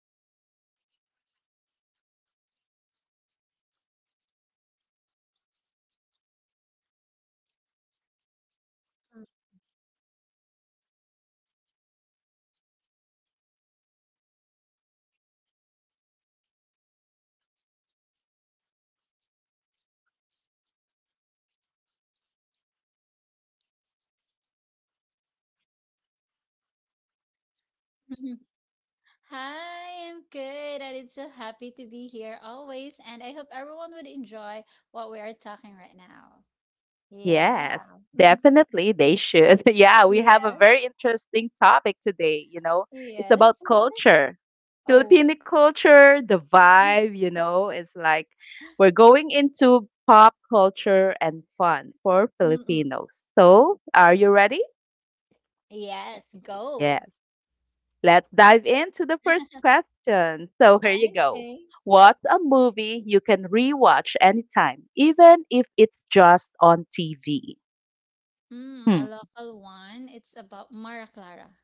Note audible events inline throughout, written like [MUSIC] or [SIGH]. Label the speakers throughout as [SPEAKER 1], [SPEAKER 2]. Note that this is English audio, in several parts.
[SPEAKER 1] next minute, we're laughing at something totally unrelated. And somehow, it all makes sense eventually. This is your
[SPEAKER 2] [LAUGHS]
[SPEAKER 1] space to relax, unwind, and join the kind of spontaneous, messy, but makes sense conversations. So get comfy. Let's dive into today's topic or whatever we end up talking about. With me today is Honeylette. Honeylette, welcome back to the show. How are you
[SPEAKER 2] Mhm.
[SPEAKER 1] doing?
[SPEAKER 2] Hi, I'm good, and it's so happy to be here always. And I hope everyone would enjoy what we are talking right now. Yeah.
[SPEAKER 1] Yes, definitely they should. [LAUGHS] Yeah, we have a
[SPEAKER 2] Yeah.
[SPEAKER 1] very interesting topic today. It's
[SPEAKER 2] Yes.
[SPEAKER 1] about
[SPEAKER 2] [LAUGHS]
[SPEAKER 1] culture.
[SPEAKER 2] Oh.
[SPEAKER 1] Filipino culture, the
[SPEAKER 2] [LAUGHS]
[SPEAKER 1] vibe, it's like we're going into pop culture and fun for
[SPEAKER 2] Mm-mm.
[SPEAKER 1] Filipinos. So, are you ready?
[SPEAKER 2] Yes. Go.
[SPEAKER 1] Yes. Let's dive into the first question. So, here you go.
[SPEAKER 2] Okay.
[SPEAKER 1] What's a movie you can rewatch anytime, even if it's just on TV?
[SPEAKER 2] A local one. It's about Mara Clara.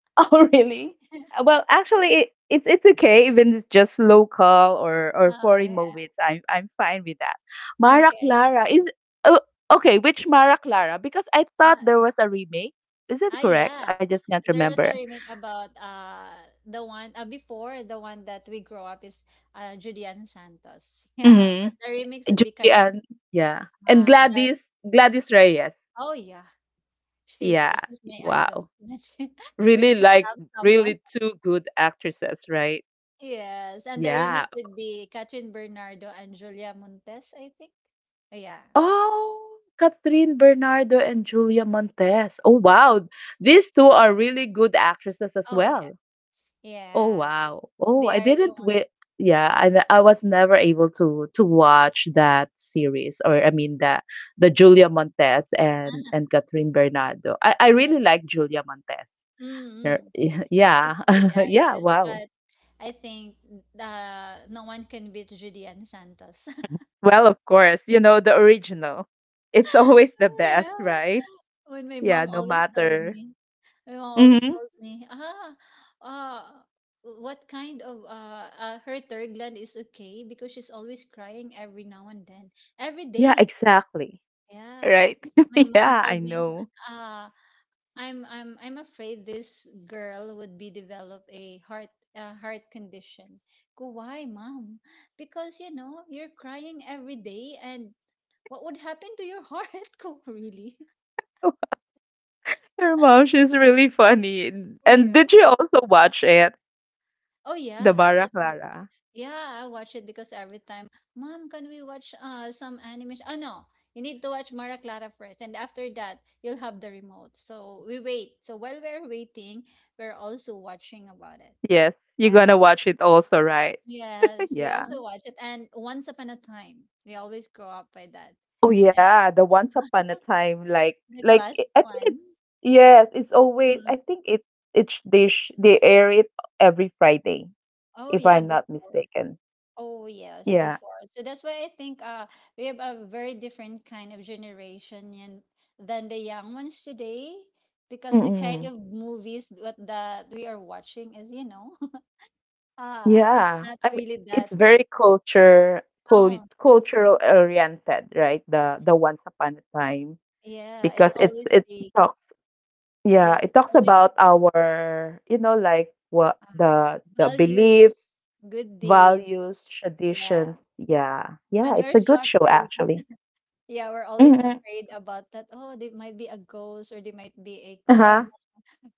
[SPEAKER 1] [LAUGHS] Oh, really? Uh,
[SPEAKER 2] [LAUGHS]
[SPEAKER 1] Well, actually, it's okay, even it's just local or
[SPEAKER 2] Oh
[SPEAKER 1] foreign
[SPEAKER 2] yeah.
[SPEAKER 1] movies. I'm fine with that. Mara
[SPEAKER 2] Okay.
[SPEAKER 1] Clara is Oh, okay. Which Mara Clara? Because I thought there
[SPEAKER 2] Uh,
[SPEAKER 1] was a remake. Is it
[SPEAKER 2] ah
[SPEAKER 1] correct?
[SPEAKER 2] yeah.
[SPEAKER 1] I just can't
[SPEAKER 2] there was
[SPEAKER 1] remember.
[SPEAKER 2] a remake about the one before the one that we grow up is Julian Santos. [LAUGHS] Yeah, but the
[SPEAKER 1] Mm-hmm.
[SPEAKER 2] remix would be
[SPEAKER 1] Julian, yeah, and
[SPEAKER 2] Kachama.
[SPEAKER 1] Gladys Reyes.
[SPEAKER 2] Oh yeah, she's
[SPEAKER 1] Yeah.
[SPEAKER 2] she's my idol.
[SPEAKER 1] Wow.
[SPEAKER 2] [LAUGHS] When
[SPEAKER 1] Really
[SPEAKER 2] she
[SPEAKER 1] like
[SPEAKER 2] loves someone.
[SPEAKER 1] Really,
[SPEAKER 2] [LAUGHS]
[SPEAKER 1] two good actresses, right?
[SPEAKER 2] Yes, and the
[SPEAKER 1] Yeah.
[SPEAKER 2] remix would be Catherine Bernardo and Julia Montes, I think. Yeah.
[SPEAKER 1] Oh, Catherine Bernardo and Julia Montes. Oh, wow. These two are really good actresses as
[SPEAKER 2] Oh yeah.
[SPEAKER 1] well. Oh,
[SPEAKER 2] Yeah.
[SPEAKER 1] wow. Oh,
[SPEAKER 2] They
[SPEAKER 1] I
[SPEAKER 2] are the
[SPEAKER 1] didn't
[SPEAKER 2] one.
[SPEAKER 1] wi Yeah, I was never able to watch that series, or I mean the Julia Montes and
[SPEAKER 2] [LAUGHS]
[SPEAKER 1] Catherine Bernardo. I
[SPEAKER 2] Yeah.
[SPEAKER 1] really like Julia Montes. Her-
[SPEAKER 2] Mm-hmm.
[SPEAKER 1] [LAUGHS]
[SPEAKER 2] She's
[SPEAKER 1] Yeah.
[SPEAKER 2] a good
[SPEAKER 1] [LAUGHS] Yeah,
[SPEAKER 2] actress,
[SPEAKER 1] wow.
[SPEAKER 2] but I think no one can beat Julian Santos.
[SPEAKER 1] Well, of course, you know the original. It's [LAUGHS] always the best,
[SPEAKER 2] Yeah.
[SPEAKER 1] right?
[SPEAKER 2] When my
[SPEAKER 1] Yeah,
[SPEAKER 2] mom
[SPEAKER 1] no
[SPEAKER 2] always told
[SPEAKER 1] matter.
[SPEAKER 2] me, My mom always
[SPEAKER 1] Hmm.
[SPEAKER 2] told me, uh, what kind of her third gland is okay because she's always crying every now and then, every
[SPEAKER 1] Yeah,
[SPEAKER 2] day.
[SPEAKER 1] exactly.
[SPEAKER 2] Yeah.
[SPEAKER 1] Right.
[SPEAKER 2] My
[SPEAKER 1] [LAUGHS]
[SPEAKER 2] mom
[SPEAKER 1] Yeah, I
[SPEAKER 2] told me,
[SPEAKER 1] know.
[SPEAKER 2] uh, I'm afraid this girl would be develop a heart condition. Go, why, mom? Because you know you're crying every day, and what would happen to your heart? [LAUGHS] Go, really?
[SPEAKER 1] [LAUGHS] Your mom, she's really funny. And did you also watch it,
[SPEAKER 2] Oh
[SPEAKER 1] The
[SPEAKER 2] yeah,
[SPEAKER 1] Mara
[SPEAKER 2] that's
[SPEAKER 1] Clara?
[SPEAKER 2] yeah. I watch it because every time, Mom, can we watch some animation? Oh no, you need to watch Mara Clara first, and after that, you'll have the remote. So we wait. So while we're waiting, we're also watching about it.
[SPEAKER 1] Yes, you're
[SPEAKER 2] Yeah.
[SPEAKER 1] gonna watch it also, right? [LAUGHS]
[SPEAKER 2] Yes, we
[SPEAKER 1] Yeah.
[SPEAKER 2] also watch it. And Once Upon a Time, we always grow up by that.
[SPEAKER 1] Oh yeah,
[SPEAKER 2] And
[SPEAKER 1] the Once Upon a
[SPEAKER 2] [LAUGHS]
[SPEAKER 1] Time, like,
[SPEAKER 2] the
[SPEAKER 1] like I
[SPEAKER 2] classic
[SPEAKER 1] I think
[SPEAKER 2] one.
[SPEAKER 1] it's yes, it's always.
[SPEAKER 2] Mm.
[SPEAKER 1] I think it's they air it every Friday,
[SPEAKER 2] Oh
[SPEAKER 1] if
[SPEAKER 2] yeah,
[SPEAKER 1] I'm not
[SPEAKER 2] before.
[SPEAKER 1] mistaken.
[SPEAKER 2] Oh yes,
[SPEAKER 1] Yeah.
[SPEAKER 2] before. So that's why I think we have a very different kind of generation and than the young ones today because the kind
[SPEAKER 1] Mm-mm.
[SPEAKER 2] of movies what that we are watching is, you know, [LAUGHS] uh it's
[SPEAKER 1] Yeah,
[SPEAKER 2] not
[SPEAKER 1] I mean,
[SPEAKER 2] really that
[SPEAKER 1] it's very culture cul
[SPEAKER 2] oh
[SPEAKER 1] cultural oriented, right? The Once Upon a Time,
[SPEAKER 2] yeah, it's
[SPEAKER 1] because it's
[SPEAKER 2] always
[SPEAKER 1] it
[SPEAKER 2] big.
[SPEAKER 1] talks yeah,
[SPEAKER 2] Yes,
[SPEAKER 1] it
[SPEAKER 2] it's
[SPEAKER 1] talks
[SPEAKER 2] always
[SPEAKER 1] about our, you know, like what
[SPEAKER 2] uh,
[SPEAKER 1] the
[SPEAKER 2] values,
[SPEAKER 1] beliefs,
[SPEAKER 2] good deeds.
[SPEAKER 1] values,
[SPEAKER 2] Yeah.
[SPEAKER 1] traditions. Yeah.
[SPEAKER 2] And
[SPEAKER 1] Yeah,
[SPEAKER 2] we're
[SPEAKER 1] it's a
[SPEAKER 2] so
[SPEAKER 1] good show
[SPEAKER 2] afraid.
[SPEAKER 1] actually.
[SPEAKER 2] Yeah, we're always
[SPEAKER 1] Hmm.
[SPEAKER 2] afraid about that. Oh, they might be a ghost or they might be a car
[SPEAKER 1] Uh-huh.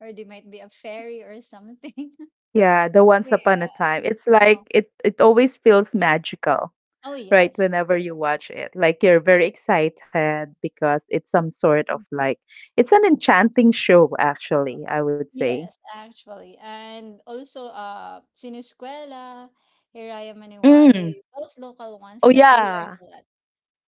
[SPEAKER 2] or they might be a fairy or something. [LAUGHS]
[SPEAKER 1] Yeah, the Once Upon a
[SPEAKER 2] Yeah.
[SPEAKER 1] Time. It's
[SPEAKER 2] Oh.
[SPEAKER 1] like it always feels magical.
[SPEAKER 2] Oh
[SPEAKER 1] Right,
[SPEAKER 2] yes.
[SPEAKER 1] whenever you watch it, like you're very excited because it's some sort of,
[SPEAKER 2] Mm.
[SPEAKER 1] like, it's an enchanting show,
[SPEAKER 2] Oh,
[SPEAKER 1] actually, I would say.
[SPEAKER 2] yes, actually. And also Siniscuela, Hiraya
[SPEAKER 1] Mm.
[SPEAKER 2] Maniwari, those local
[SPEAKER 1] Oh
[SPEAKER 2] ones that we
[SPEAKER 1] yeah,
[SPEAKER 2] learned a lot.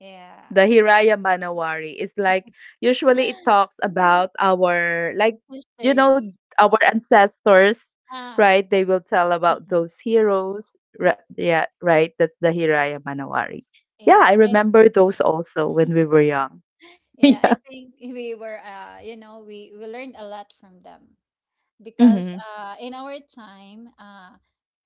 [SPEAKER 2] Yeah.
[SPEAKER 1] the Hiraya Manawari is like, usually it
[SPEAKER 2] [GASPS]
[SPEAKER 1] talks
[SPEAKER 2] Mm,
[SPEAKER 1] about our, like, you know
[SPEAKER 2] history.
[SPEAKER 1] our ancestors,
[SPEAKER 2] Ah.
[SPEAKER 1] right? They will tell about
[SPEAKER 2] Mm-mm.
[SPEAKER 1] those heroes. Yeah, right, that's the Hiraya Manawari. Yeah, I
[SPEAKER 2] Yeah.
[SPEAKER 1] remember those also when we were young. [LAUGHS]
[SPEAKER 2] Yeah,
[SPEAKER 1] Yeah.
[SPEAKER 2] I think [LAUGHS] we were you know, we learned a lot from them because
[SPEAKER 1] Mm-hmm,
[SPEAKER 2] uh in our time uh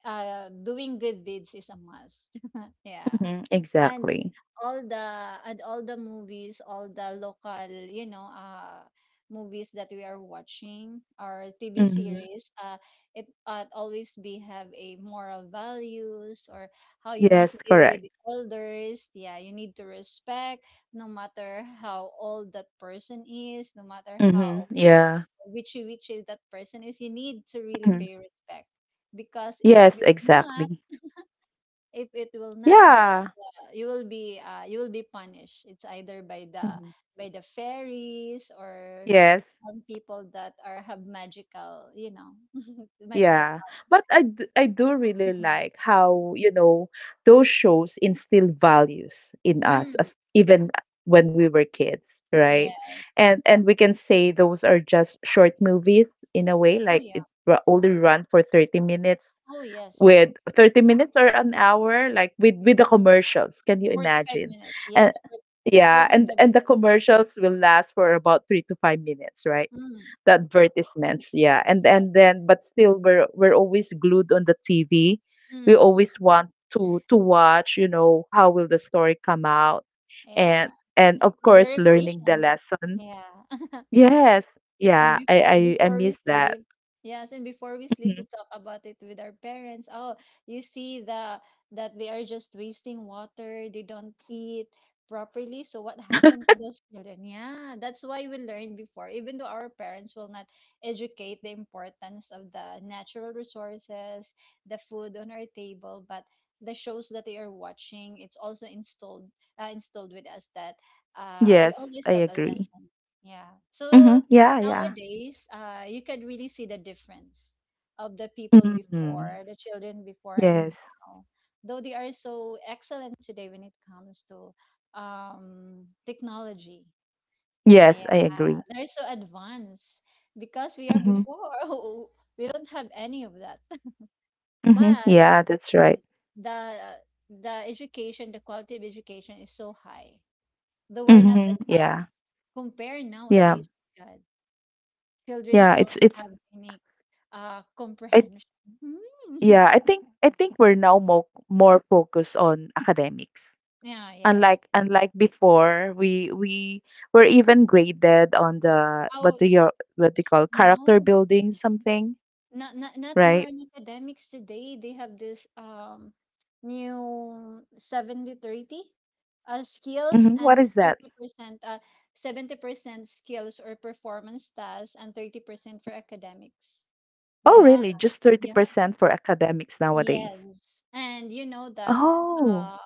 [SPEAKER 2] uh doing good deeds is a must. [LAUGHS] Yeah.
[SPEAKER 1] mm-hmm,
[SPEAKER 2] And
[SPEAKER 1] exactly.
[SPEAKER 2] all the movies, all the local, you know, movies that we are watching or TV
[SPEAKER 1] Mhm.
[SPEAKER 2] series, it always be have a moral values or how you
[SPEAKER 1] Yes,
[SPEAKER 2] must deal with
[SPEAKER 1] correct.
[SPEAKER 2] the elders. Yeah, you need to respect no matter how old that person is, no matter
[SPEAKER 1] Mm-hmm.
[SPEAKER 2] how
[SPEAKER 1] Yeah.
[SPEAKER 2] witchy that person is, you need to really
[SPEAKER 1] Hmm.
[SPEAKER 2] pay respect. Because if
[SPEAKER 1] Yes,
[SPEAKER 2] will not,
[SPEAKER 1] exactly.
[SPEAKER 2] if it will not
[SPEAKER 1] Yeah.
[SPEAKER 2] you will be you will be punished. It's either
[SPEAKER 1] Hmm.
[SPEAKER 2] by the fairies or
[SPEAKER 1] Yes.
[SPEAKER 2] people that are have magical, you know, [LAUGHS] magical
[SPEAKER 1] Yeah.
[SPEAKER 2] power.
[SPEAKER 1] But I do really
[SPEAKER 2] Mm.
[SPEAKER 1] like how, those shows instill values in us,
[SPEAKER 2] Mm,
[SPEAKER 1] as even when we were kids, right?
[SPEAKER 2] yes.
[SPEAKER 1] And we can say those are just short movies, in a way,
[SPEAKER 2] Oh
[SPEAKER 1] like
[SPEAKER 2] yeah.
[SPEAKER 1] only run for 30 minutes.
[SPEAKER 2] Oh yes.
[SPEAKER 1] With 30 minutes or an hour, like with the commercials, can you
[SPEAKER 2] Forty-five
[SPEAKER 1] imagine?
[SPEAKER 2] minutes.
[SPEAKER 1] And
[SPEAKER 2] Yes.
[SPEAKER 1] yeah, and
[SPEAKER 2] Forty-five
[SPEAKER 1] and the
[SPEAKER 2] minutes.
[SPEAKER 1] commercials will last for about 3 to 5 minutes, right?
[SPEAKER 2] Mm,
[SPEAKER 1] The advertisements. Yeah, and
[SPEAKER 2] yes.
[SPEAKER 1] and then, but still, we're always glued on the TV. We
[SPEAKER 2] Mm,
[SPEAKER 1] always
[SPEAKER 2] mm.
[SPEAKER 1] want to watch, you know, how will the story come out.
[SPEAKER 2] Yeah.
[SPEAKER 1] And of
[SPEAKER 2] We're
[SPEAKER 1] course,
[SPEAKER 2] very
[SPEAKER 1] learning the
[SPEAKER 2] patient.
[SPEAKER 1] lesson.
[SPEAKER 2] Yeah. [LAUGHS]
[SPEAKER 1] Yes,
[SPEAKER 2] And
[SPEAKER 1] yeah,
[SPEAKER 2] before
[SPEAKER 1] I
[SPEAKER 2] before
[SPEAKER 1] miss
[SPEAKER 2] we
[SPEAKER 1] that.
[SPEAKER 2] sleep, yes, and before we sleep,
[SPEAKER 1] Mhm.
[SPEAKER 2] we talk about it with our parents. Oh, you see the that they are just wasting water, they don't eat properly. So what happened to those children? Yeah, that's why we learn before, even though our parents will not educate the importance of the natural resources, the food on our table, but the shows that they are watching, it's also installed with us that we
[SPEAKER 1] Yes,
[SPEAKER 2] always
[SPEAKER 1] I
[SPEAKER 2] have a
[SPEAKER 1] agree.
[SPEAKER 2] lesson. Yeah.
[SPEAKER 1] Hmm.
[SPEAKER 2] So
[SPEAKER 1] Yeah, yeah.
[SPEAKER 2] nowadays you can really see the difference of the people
[SPEAKER 1] Hmm.
[SPEAKER 2] before the children before and
[SPEAKER 1] Yes.
[SPEAKER 2] now though they are so excellent today when it comes to technology.
[SPEAKER 1] Yes,
[SPEAKER 2] Yeah,
[SPEAKER 1] I agree.
[SPEAKER 2] they're so advanced because we are
[SPEAKER 1] Mhm.
[SPEAKER 2] before [LAUGHS] we don't have any of that. [LAUGHS]
[SPEAKER 1] Mhm.
[SPEAKER 2] But
[SPEAKER 1] Yeah, that's right.
[SPEAKER 2] the the education the quality of education is so high though we're not
[SPEAKER 1] Mhm. Yeah.
[SPEAKER 2] advanced compare
[SPEAKER 1] Yeah.
[SPEAKER 2] nowadays. My God, childrens
[SPEAKER 1] Yeah,
[SPEAKER 2] don't
[SPEAKER 1] it's
[SPEAKER 2] have unique
[SPEAKER 1] I,
[SPEAKER 2] comprehension. Hmm. [LAUGHS]
[SPEAKER 1] yeah, I think we're now more focused on academics.
[SPEAKER 2] Yeah, yes.
[SPEAKER 1] Unlike before, we were even graded on the,
[SPEAKER 2] Oh,
[SPEAKER 1] what do you call, character
[SPEAKER 2] no.
[SPEAKER 1] building something,
[SPEAKER 2] Not more
[SPEAKER 1] right?
[SPEAKER 2] on academics today. They have this new seventy thirty 30 skills
[SPEAKER 1] Mhm.
[SPEAKER 2] and
[SPEAKER 1] What is that?
[SPEAKER 2] 30% 70% skills or performance tasks and 30% for academics.
[SPEAKER 1] Oh,
[SPEAKER 2] Yeah,
[SPEAKER 1] really? Just
[SPEAKER 2] yeah,
[SPEAKER 1] 30% for academics
[SPEAKER 2] yes.
[SPEAKER 1] nowadays.
[SPEAKER 2] And you know that
[SPEAKER 1] Oh.
[SPEAKER 2] uh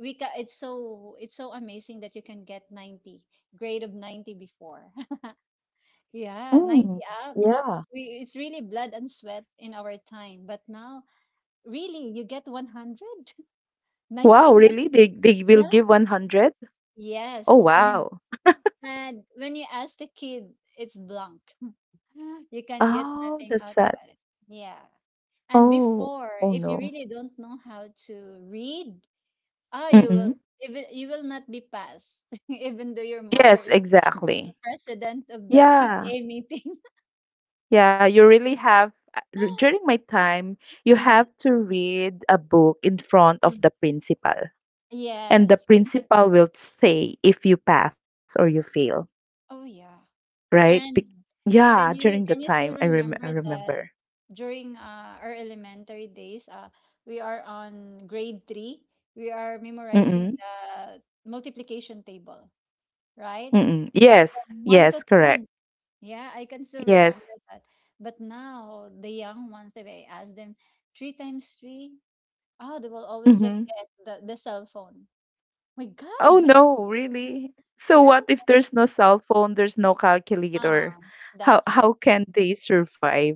[SPEAKER 2] it's so amazing that you can get 90 grade of 90 before. [LAUGHS] Yeah,
[SPEAKER 1] Mm,
[SPEAKER 2] 90 up.
[SPEAKER 1] yeah.
[SPEAKER 2] We, it's really blood and sweat in our time, but now really you get 100, [LAUGHS] ninety
[SPEAKER 1] Wow,
[SPEAKER 2] nine.
[SPEAKER 1] really? They will
[SPEAKER 2] Yeah,
[SPEAKER 1] give 100? Oh,
[SPEAKER 2] yes. and
[SPEAKER 1] wow.
[SPEAKER 2] and when you ask the kid it's blank. [LAUGHS] You can get
[SPEAKER 1] Oh,
[SPEAKER 2] nothing
[SPEAKER 1] that's
[SPEAKER 2] out
[SPEAKER 1] sad.
[SPEAKER 2] about it. Yeah, and
[SPEAKER 1] Oh,
[SPEAKER 2] before
[SPEAKER 1] oh
[SPEAKER 2] if you
[SPEAKER 1] no.
[SPEAKER 2] really don't know how to read, ah, you will
[SPEAKER 1] Mm-mm.
[SPEAKER 2] even you will not be passed, [LAUGHS] even though your mother
[SPEAKER 1] Yes,
[SPEAKER 2] is the
[SPEAKER 1] exactly.
[SPEAKER 2] president of the
[SPEAKER 1] Yeah.
[SPEAKER 2] PTA meeting.
[SPEAKER 1] Yeah, you really have during
[SPEAKER 2] [LAUGHS]
[SPEAKER 1] my time, you
[SPEAKER 2] Mm,
[SPEAKER 1] have to read a book in front of
[SPEAKER 2] mm.
[SPEAKER 1] the principal, and the
[SPEAKER 2] Yes.
[SPEAKER 1] principal will say if you pass or you fail,
[SPEAKER 2] Oh yeah.
[SPEAKER 1] right? Be
[SPEAKER 2] And
[SPEAKER 1] Yeah,
[SPEAKER 2] can
[SPEAKER 1] during the
[SPEAKER 2] you can you
[SPEAKER 1] time,
[SPEAKER 2] still
[SPEAKER 1] I
[SPEAKER 2] remember
[SPEAKER 1] remember.
[SPEAKER 2] that during our elementary days, we are on grade 3. We are memorizing
[SPEAKER 1] Mm-mm.
[SPEAKER 2] the multiplication table, right?
[SPEAKER 1] Mm-mm. Yes,
[SPEAKER 2] From one
[SPEAKER 1] yes,
[SPEAKER 2] to
[SPEAKER 1] correct.
[SPEAKER 2] ten. Yeah, I can still
[SPEAKER 1] Yes.
[SPEAKER 2] remember that. But now the young ones, if I ask them three times three, oh, they will always just
[SPEAKER 1] Mm-hmm.
[SPEAKER 2] get the cell phone. My
[SPEAKER 1] Oh
[SPEAKER 2] God. [LAUGHS]
[SPEAKER 1] no, really? So
[SPEAKER 2] Yeah.
[SPEAKER 1] what if there's no cell phone, there's no calculator?
[SPEAKER 2] Ah,
[SPEAKER 1] How
[SPEAKER 2] that's it.
[SPEAKER 1] how can they survive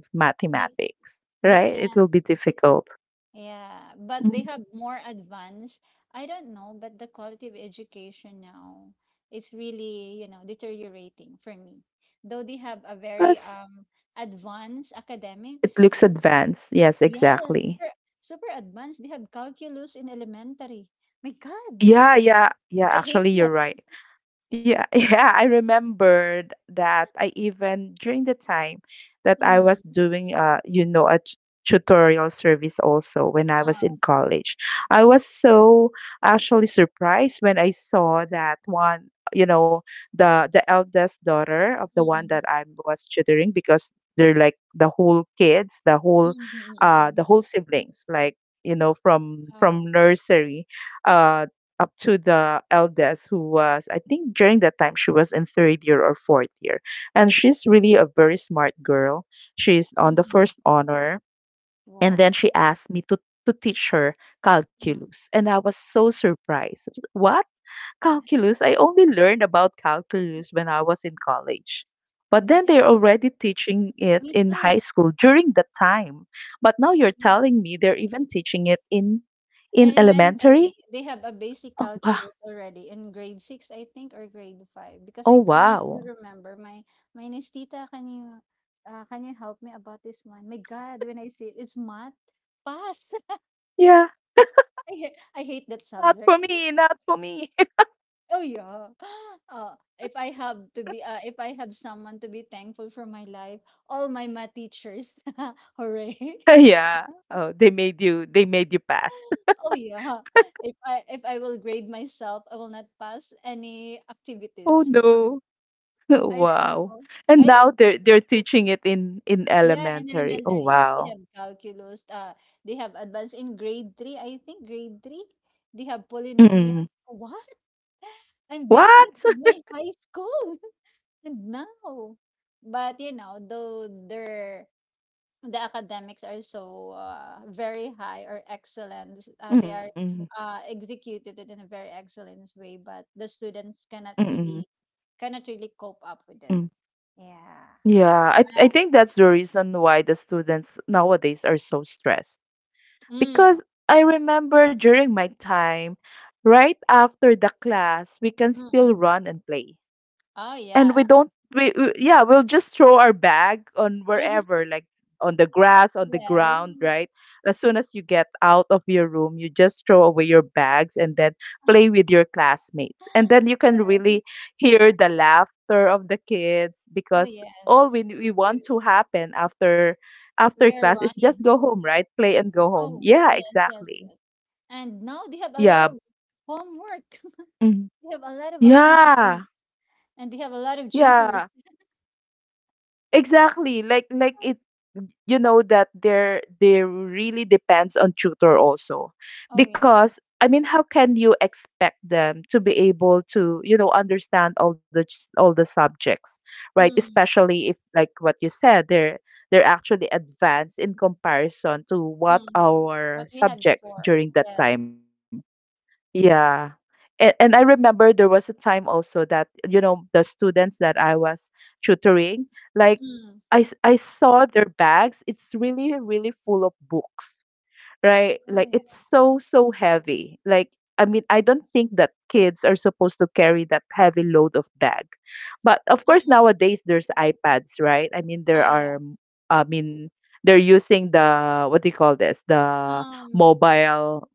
[SPEAKER 2] They
[SPEAKER 1] mathematics,
[SPEAKER 2] they
[SPEAKER 1] right? It
[SPEAKER 2] can't.
[SPEAKER 1] will be difficult.
[SPEAKER 2] Yeah. But
[SPEAKER 1] Mm,
[SPEAKER 2] they have more advanced. I don't know, but the quality of education now is really, you know, deteriorating for me. Though they have a very
[SPEAKER 1] because
[SPEAKER 2] advanced academics,
[SPEAKER 1] it looks advanced. Yes,
[SPEAKER 2] yes,
[SPEAKER 1] exactly.
[SPEAKER 2] super super advanced. They have calculus in elementary. My God. [LAUGHS]
[SPEAKER 1] Yeah, yeah, yeah,
[SPEAKER 2] I hate
[SPEAKER 1] actually you're
[SPEAKER 2] that.
[SPEAKER 1] right. Yeah, [LAUGHS] yeah, I remembered that, I even during the time that I was
[SPEAKER 2] Mm.
[SPEAKER 1] doing a tutorial service also when I was
[SPEAKER 2] Ah,
[SPEAKER 1] in college. I was so actually surprised when I saw that one, you know, the eldest daughter of the one
[SPEAKER 2] mm-mm.
[SPEAKER 1] that I was tutoring, because they're like the whole kids,
[SPEAKER 2] Mm, mm, mm, mm.
[SPEAKER 1] the whole siblings, like, from
[SPEAKER 2] Oh,
[SPEAKER 1] nursery uh up to the eldest, who was, I think during that time, she was in third year or fourth year, and she's really a very smart girl, she's on the
[SPEAKER 2] mm.
[SPEAKER 1] first honor, and
[SPEAKER 2] Wow.
[SPEAKER 1] then she asked me to teach her
[SPEAKER 2] Mm.
[SPEAKER 1] calculus, and I was so surprised. I was like, what, calculus? I only learned about calculus when I was in college, but then they're
[SPEAKER 2] Yeah,
[SPEAKER 1] already teaching it
[SPEAKER 2] me
[SPEAKER 1] in high
[SPEAKER 2] too.
[SPEAKER 1] school during that time. But now you're
[SPEAKER 2] Yeah.
[SPEAKER 1] telling me they're even teaching it in elementary.
[SPEAKER 2] Elementary, they have a basic
[SPEAKER 1] Oh wow.
[SPEAKER 2] calculus already in grade 6, I think, or grade 5, because
[SPEAKER 1] Oh
[SPEAKER 2] I can still
[SPEAKER 1] wow.
[SPEAKER 2] remember my my niece, "Tita, can you help me about this one?" My God, when I see it, it's math. Pass. [LAUGHS]
[SPEAKER 1] Yeah,
[SPEAKER 2] I ha- I hate that
[SPEAKER 1] not
[SPEAKER 2] subject.
[SPEAKER 1] for me, not for me. [LAUGHS]
[SPEAKER 2] Oh yeah. [GASPS] If I have to be, If I have someone to be thankful for my life, all my math teachers, [LAUGHS] hooray! [GASPS]
[SPEAKER 1] Yeah. Oh, they made you pass.
[SPEAKER 2] [LAUGHS]
[SPEAKER 1] [LAUGHS]
[SPEAKER 2] Oh yeah. If I will grade myself, I will not pass any activities.
[SPEAKER 1] Oh
[SPEAKER 2] [LAUGHS]
[SPEAKER 1] no. [LAUGHS]
[SPEAKER 2] I don't
[SPEAKER 1] Wow.
[SPEAKER 2] know.
[SPEAKER 1] And
[SPEAKER 2] I don't.
[SPEAKER 1] now they're teaching it in
[SPEAKER 2] Yeah, in
[SPEAKER 1] elementary. Oh
[SPEAKER 2] elementary they
[SPEAKER 1] wow.
[SPEAKER 2] have calculus. They have advanced in grade 3. I think grade 3 they have
[SPEAKER 1] Mm.
[SPEAKER 2] polynomials. What? [LAUGHS] I'm dealing this
[SPEAKER 1] What?
[SPEAKER 2] with
[SPEAKER 1] [LAUGHS]
[SPEAKER 2] my high school. No. But you know, though their the academics are so very high or excellent, they are
[SPEAKER 1] Mm.
[SPEAKER 2] executed it in a very excellent way. But the students cannot
[SPEAKER 1] Mm.
[SPEAKER 2] really cannot really cope up with it.
[SPEAKER 1] Mm.
[SPEAKER 2] Yeah.
[SPEAKER 1] Yeah, I think that's the reason why the students nowadays are so stressed.
[SPEAKER 2] Uh, mm,
[SPEAKER 1] Because I remember during my time, right after the class, we can
[SPEAKER 2] mm-mm.
[SPEAKER 1] still run and play.
[SPEAKER 2] Oh
[SPEAKER 1] And we
[SPEAKER 2] yeah.
[SPEAKER 1] don't, we yeah, we'll just throw our bag on
[SPEAKER 2] [LAUGHS]
[SPEAKER 1] wherever, like on the grass on the
[SPEAKER 2] Yes.
[SPEAKER 1] ground, right? As soon as you get out of your room, you just throw away your bags and then play with your classmates, and then you can
[SPEAKER 2] Yes.
[SPEAKER 1] really hear the laughter of the kids,
[SPEAKER 2] Oh
[SPEAKER 1] because
[SPEAKER 2] yes.
[SPEAKER 1] all we want
[SPEAKER 2] We,
[SPEAKER 1] to happen after
[SPEAKER 2] we are
[SPEAKER 1] class is just
[SPEAKER 2] running.
[SPEAKER 1] go home, right? Play and go home.
[SPEAKER 2] Oh
[SPEAKER 1] Yeah,
[SPEAKER 2] yes, yes,
[SPEAKER 1] exactly.
[SPEAKER 2] yes. And now they have a lot
[SPEAKER 1] Yeah.
[SPEAKER 2] of homework.
[SPEAKER 1] Mhm.
[SPEAKER 2] They have a lot of activities,
[SPEAKER 1] Yeah,
[SPEAKER 2] and they have a lot of cheaters.
[SPEAKER 1] yeah. Exactly. Like it, you know, that there really depends on tutor also.
[SPEAKER 2] Oh, yeah.
[SPEAKER 1] Because, I mean, how can you expect them to be able to, you know, understand all the all the subjects, right?
[SPEAKER 2] Mm,
[SPEAKER 1] Especially if, like what you said, they're actually advanced in comparison to what
[SPEAKER 2] mm. What
[SPEAKER 1] our
[SPEAKER 2] we had
[SPEAKER 1] subjects
[SPEAKER 2] before.
[SPEAKER 1] during that
[SPEAKER 2] Yes.
[SPEAKER 1] time. Yeah. And I remember there was a time also that, you know, the students that I was tutoring, like,
[SPEAKER 2] Mm.
[SPEAKER 1] I saw their bags. It's really, really full of books, right?
[SPEAKER 2] Oh,
[SPEAKER 1] Like, it's
[SPEAKER 2] yeah.
[SPEAKER 1] so, so heavy. Like, I mean, I don't think that kids are supposed to carry that heavy load of bag. But of course,
[SPEAKER 2] Um,
[SPEAKER 1] nowadays there's iPads, right? I mean, there
[SPEAKER 2] oh, yeah.
[SPEAKER 1] are, I mean, they're using the, what do you call this? The
[SPEAKER 2] Um,
[SPEAKER 1] mobile.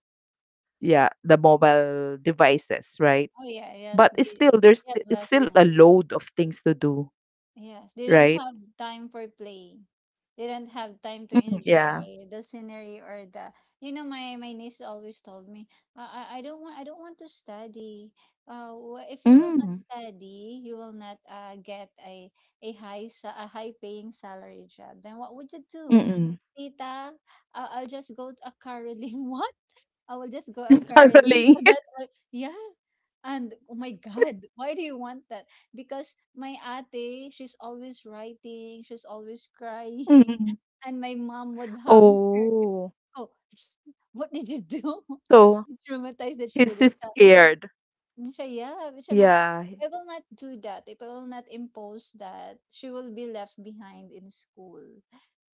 [SPEAKER 1] Yeah, the mobile devices, right?
[SPEAKER 2] oh, yeah. Yes.
[SPEAKER 1] But it's still,
[SPEAKER 2] They have
[SPEAKER 1] it's
[SPEAKER 2] less.
[SPEAKER 1] still a load of things to do,
[SPEAKER 2] Yes, they don't
[SPEAKER 1] right?
[SPEAKER 2] have time for play. They don't have time to
[SPEAKER 1] Mm. Yeah.
[SPEAKER 2] enjoy the scenery or the. You know, my niece always told me, I don't want I don't want to study. If you will not
[SPEAKER 1] Mm.
[SPEAKER 2] study, you will not get a high a high paying salary job. Then what would you do,
[SPEAKER 1] Mm-mm.
[SPEAKER 2] Tita? I'll just go to a caroling. [LAUGHS] What? I will just go a
[SPEAKER 1] [LAUGHS]
[SPEAKER 2] caroling.
[SPEAKER 1] Spiraling.
[SPEAKER 2] So that, yeah. And oh my God, why do you want that? Because my ate, she's always writing, she's always crying,
[SPEAKER 1] [LAUGHS] Mm-mm.
[SPEAKER 2] [LAUGHS] and my mom would hum her.
[SPEAKER 1] Oh.
[SPEAKER 2] Oh, [SNIFFS] what did you do? [LAUGHS]
[SPEAKER 1] So
[SPEAKER 2] You traumatized the
[SPEAKER 1] he's
[SPEAKER 2] children.
[SPEAKER 1] just
[SPEAKER 2] So,
[SPEAKER 1] scared.
[SPEAKER 2] Siya yeah, siya nga,
[SPEAKER 1] Yeah.
[SPEAKER 2] "If I will not do that. If I will not impose that, she will be left behind in school."